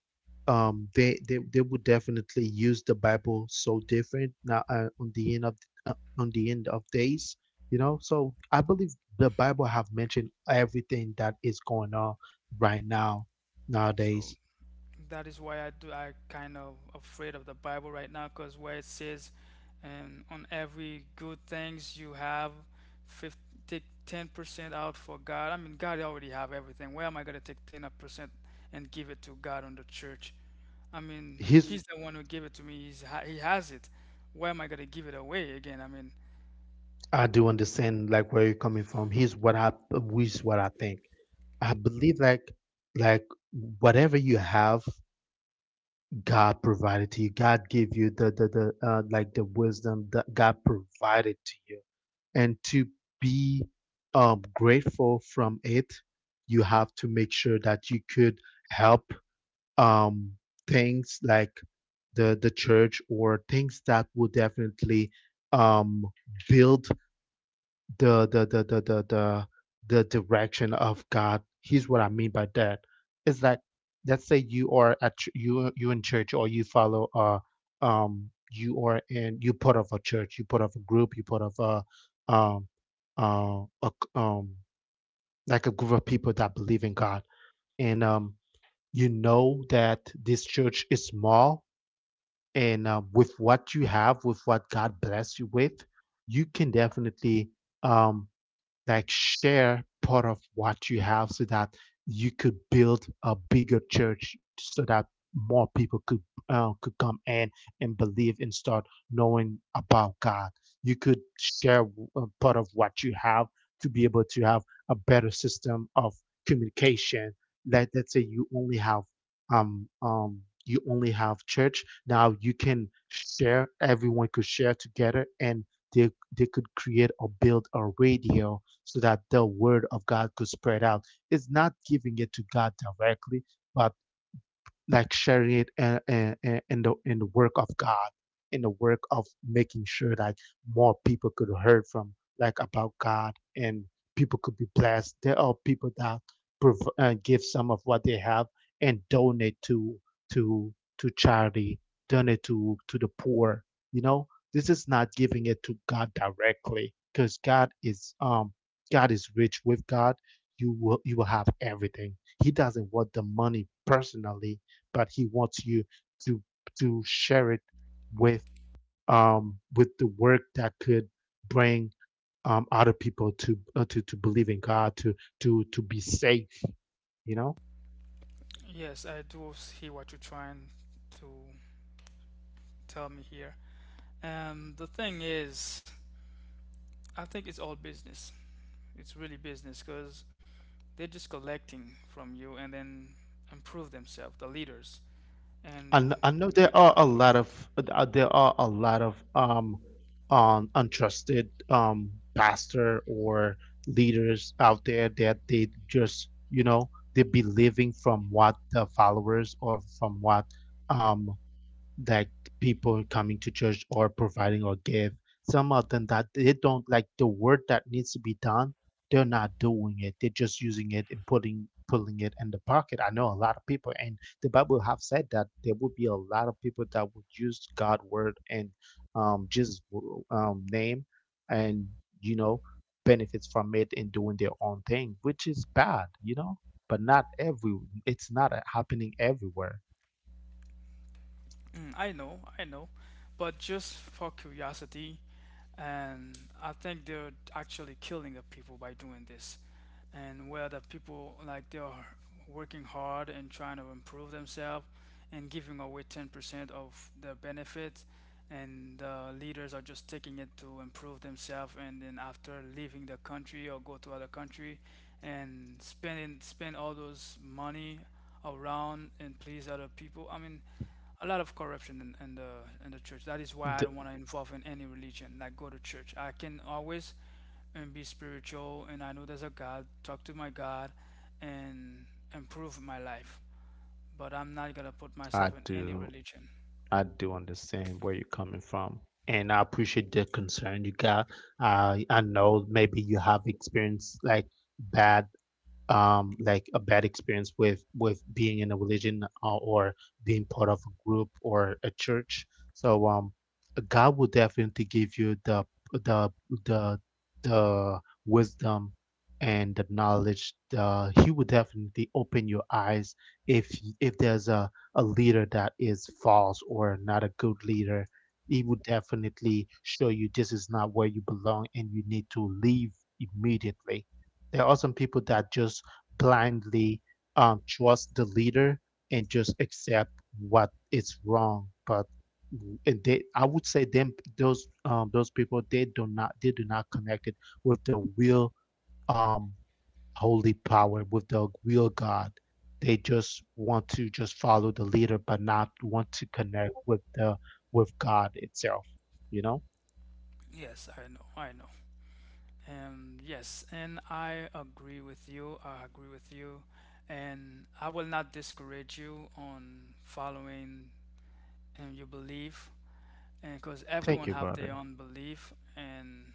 [SPEAKER 1] They would definitely use the Bible so different now, on the end of uh, on the end of days, you know. So I believe the Bible have mentioned everything that is going on right now
[SPEAKER 2] so
[SPEAKER 1] nowadays.
[SPEAKER 2] that is why I do I kind of afraid of the Bible right now because where it says, and on every good things you have, 50, take 10% out for God. I mean, God already have everything. Where am I gonna take 10% and give it to God on the church? I mean,
[SPEAKER 1] He's
[SPEAKER 2] He's the one who gave it to me. He has it. Where am I gonna give it away again? I mean,
[SPEAKER 1] I do understand like where you're coming from. Here's what I here's what I think. I believe like whatever you have, God provided to you. God gave you the like the wisdom that God provided to you, and to be grateful from it, you have to make sure that you could help um, things like the church or things that will definitely um, build the the direction of God. Here's what I mean by that. Is that let's say you are you you in church, or you follow you are in you part of a church, you part of a group, you part of a um uh a, c- um like a group of people that believe in God, and you know that this church is small, and with what you have, with what God bless you with, you can definitely um like share part of what you have so that you could build a bigger church, so that more people could come in and believe and start knowing about God. You could share part of what you have to be able to have a better system of communication. Let's say you only have church. Now you can share, everyone could share together, and they they could create or build a radio so that the word of God could spread out. It's not giving it to God directly, but like sharing it, in the work of God, in the work of making sure that more people could hear from like about God, and people could be blessed. There are people that give some of what they have and donate to to charity, donate to the poor. You know, this is not giving it to God directly, because God is rich with God. You will have everything. He doesn't want the money personally, but he wants you to to share it with with the work that could bring other people to believe in God, to be safe, you know.
[SPEAKER 2] yes, I do see what you're trying to tell me here. The thing is, I think it's all business. It's really business because they're just collecting from you and then improve themselves, the leaders. And
[SPEAKER 1] And I know
[SPEAKER 2] when
[SPEAKER 1] there are a lot of, there are a lot of untrusted pastor or leaders out there, that they just, you know, they're believing from what the followers or from what um that people coming to church or providing or give some of them, that they don't, like the work that needs to be done, they're not doing it, they're just using it and putting pulling it in the pocket. I know a lot of people, and the Bible have said that there would be a lot of people that would use God word and Jesus name, and you know, benefits from it and doing their own thing, which is bad, you know. But not every, it's not, happening everywhere.
[SPEAKER 2] mm, I know, but just for curiosity, and I think they're actually killing the people by doing this. And where the people like they are working hard and trying to improve themselves and giving away 10% of the benefits, and the leaders are just taking it to improve themselves, and then after leaving the country or go to other country and spend all those money around and please other people. I mean, a lot of corruption in, in the church. That is why I
[SPEAKER 1] The-
[SPEAKER 2] don't want to involve in any religion. Like go to church. I can always and be spiritual, and I know there's a God. Talk to my God, and improve my life. But I'm not gonna put myself
[SPEAKER 1] I
[SPEAKER 2] in any
[SPEAKER 1] do
[SPEAKER 2] religion.
[SPEAKER 1] I do understand where you're coming from, and I appreciate the concern you got. I know maybe you have experienced like bad, like a bad experience with being in a religion, or being part of a group or a church. So God will definitely give you the the the wisdom and the knowledge. The, he will definitely open your eyes if if there's a leader that is false or not a good leader. He will definitely show you this is not where you belong and you need to leave immediately. There are some people that just blindly trust the leader and just accept what is wrong. But and they, I would say them those people they do not, they do not connect it with the real um, holy power, with the real God. They just want to just follow the leader, but not want to connect with the with God itself. You know.
[SPEAKER 2] Yes, I know, I know. Yes, and I agree with you. I agree with you, and I will not discourage you on following and your belief and because
[SPEAKER 1] Thank
[SPEAKER 2] everyone
[SPEAKER 1] you,
[SPEAKER 2] have their
[SPEAKER 1] brother.
[SPEAKER 2] own belief and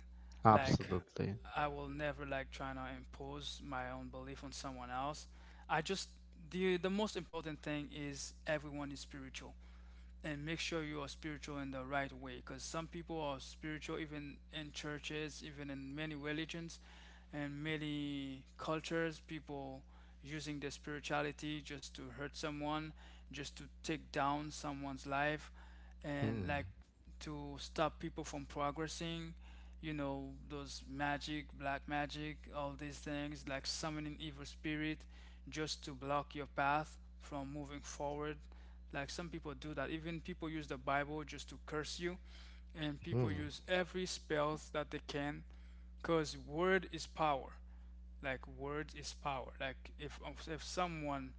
[SPEAKER 2] like
[SPEAKER 1] Absolutely.
[SPEAKER 2] I will never like try to impose my own belief on someone else I just the most important thing is everyone is spiritual and make sure you are spiritual in the right way because some people are spiritual even in churches even in many religions and many cultures people using their spirituality just to hurt someone just to take down someone's life and
[SPEAKER 1] Hmm.
[SPEAKER 2] like to stop people from progressing you know, those magic, black magic, all these things, like summoning evil spirit just to block your path from moving forward. Like some people do that. Even people use the Bible just to curse you, and people use every spell that they can, cause word is power like words is power like if someone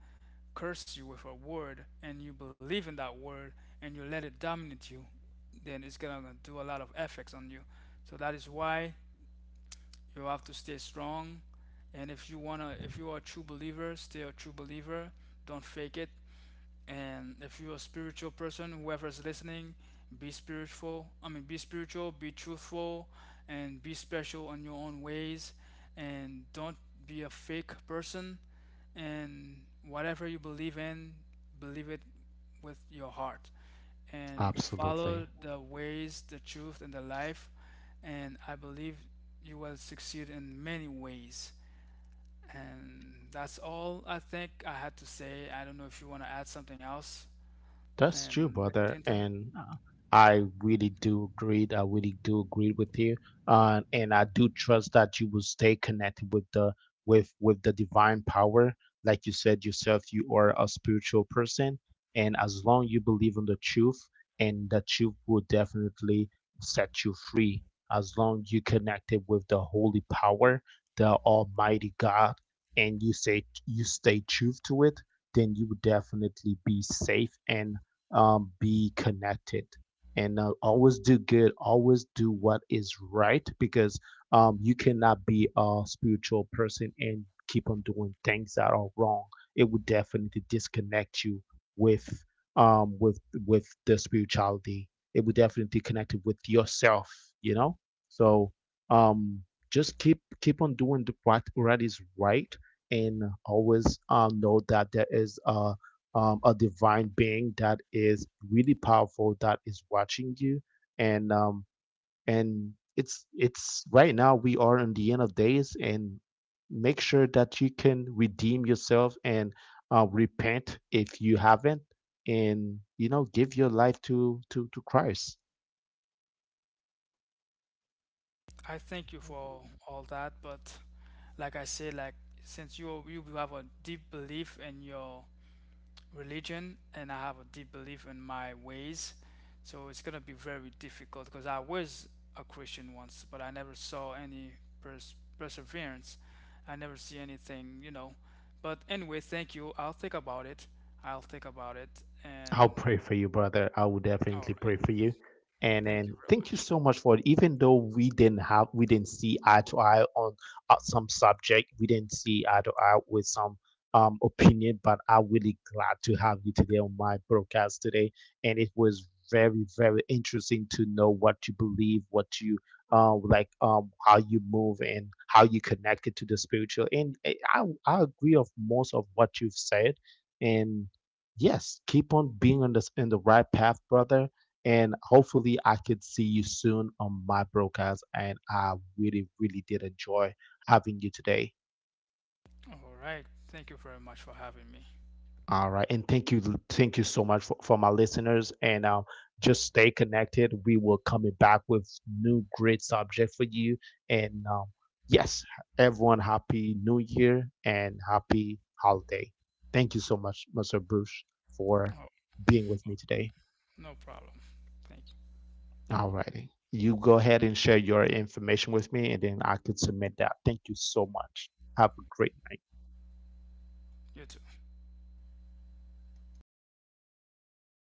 [SPEAKER 2] curse you with a word and you believe in that word and you let it dominate you then it's gonna do a lot of effects on you so that is why you have to stay strong and if you wanna if you are a true believer stay a true believer don't fake it and if you're a spiritual person, whoever is listening, be spiritual. I mean, be spiritual, be truthful, and be special in your own ways. And don't be a fake person. And whatever you believe in, believe it with your heart. And
[SPEAKER 1] Absolutely.
[SPEAKER 2] follow the ways, the truth, and the life. And I believe you will succeed in many ways. And that's all I think I had to say. I don't know if you want to add something else
[SPEAKER 1] That's true,
[SPEAKER 2] Little
[SPEAKER 1] brother,
[SPEAKER 2] Clinton.
[SPEAKER 1] and I really do agree. I really do agree with you, and I do trust that you will stay connected with the divine power. Like you said yourself, you are a spiritual person, and as long you believe in the truth, and the truth will definitely set you free. As long you connected with the holy power, the Almighty God, and you say you stay truth to it, then you would definitely be safe and be connected and always do good, always do what is right, because you cannot be a spiritual person and keep on doing things that are wrong. It would definitely disconnect you with um, with with the spirituality. It would definitely connect it with yourself, you know. So um, just keep on doing the, what is right, and always know that there is a divine being that is really powerful that is watching you. And and it's right now we are in the end of days, and make sure that you can redeem yourself and repent if you haven't, and you know, give your life to Christ.
[SPEAKER 2] I thank you for all that, but like I said, like since you have a deep belief in your religion, and I have a deep belief in my ways, so it's gonna be very difficult because I was a Christian once, but I never saw any perseverance. I never see anything, you know. But anyway, thank you. I'll think about it. I'll think about it, and
[SPEAKER 1] I'll pray for you, brother. I will
[SPEAKER 2] all
[SPEAKER 1] definitely
[SPEAKER 2] right.
[SPEAKER 1] pray for you. And
[SPEAKER 2] Thank
[SPEAKER 1] then
[SPEAKER 2] you very
[SPEAKER 1] thank you
[SPEAKER 2] much.
[SPEAKER 1] so much for it. Even though we didn't see eye to eye on some subject, we didn't see eye to eye with some opinion, but I'm really glad to have you today on my broadcast today. And it was very, very interesting to know what you believe, what you like, how you move and how you connected to the spiritual. And I agree of most of what you've said, and yes, keep on being on this in the right path, brother. And hopefully, I could see you soon on my broadcast. And I really, really did enjoy having you today.
[SPEAKER 2] All right. Thank you very much for having me.
[SPEAKER 1] All right, and thank you so much for my listeners. And just stay connected. We will coming back with new great subject for you. And yes, everyone, happy New Year and happy holiday. Thank you so much, Mr. Bruce, for
[SPEAKER 2] All
[SPEAKER 1] being with me today.
[SPEAKER 2] No problem. Thank
[SPEAKER 1] All righty. You go ahead and share your information with me, and then I could submit that. Thank you so much. Have a great night.
[SPEAKER 2] you. You too.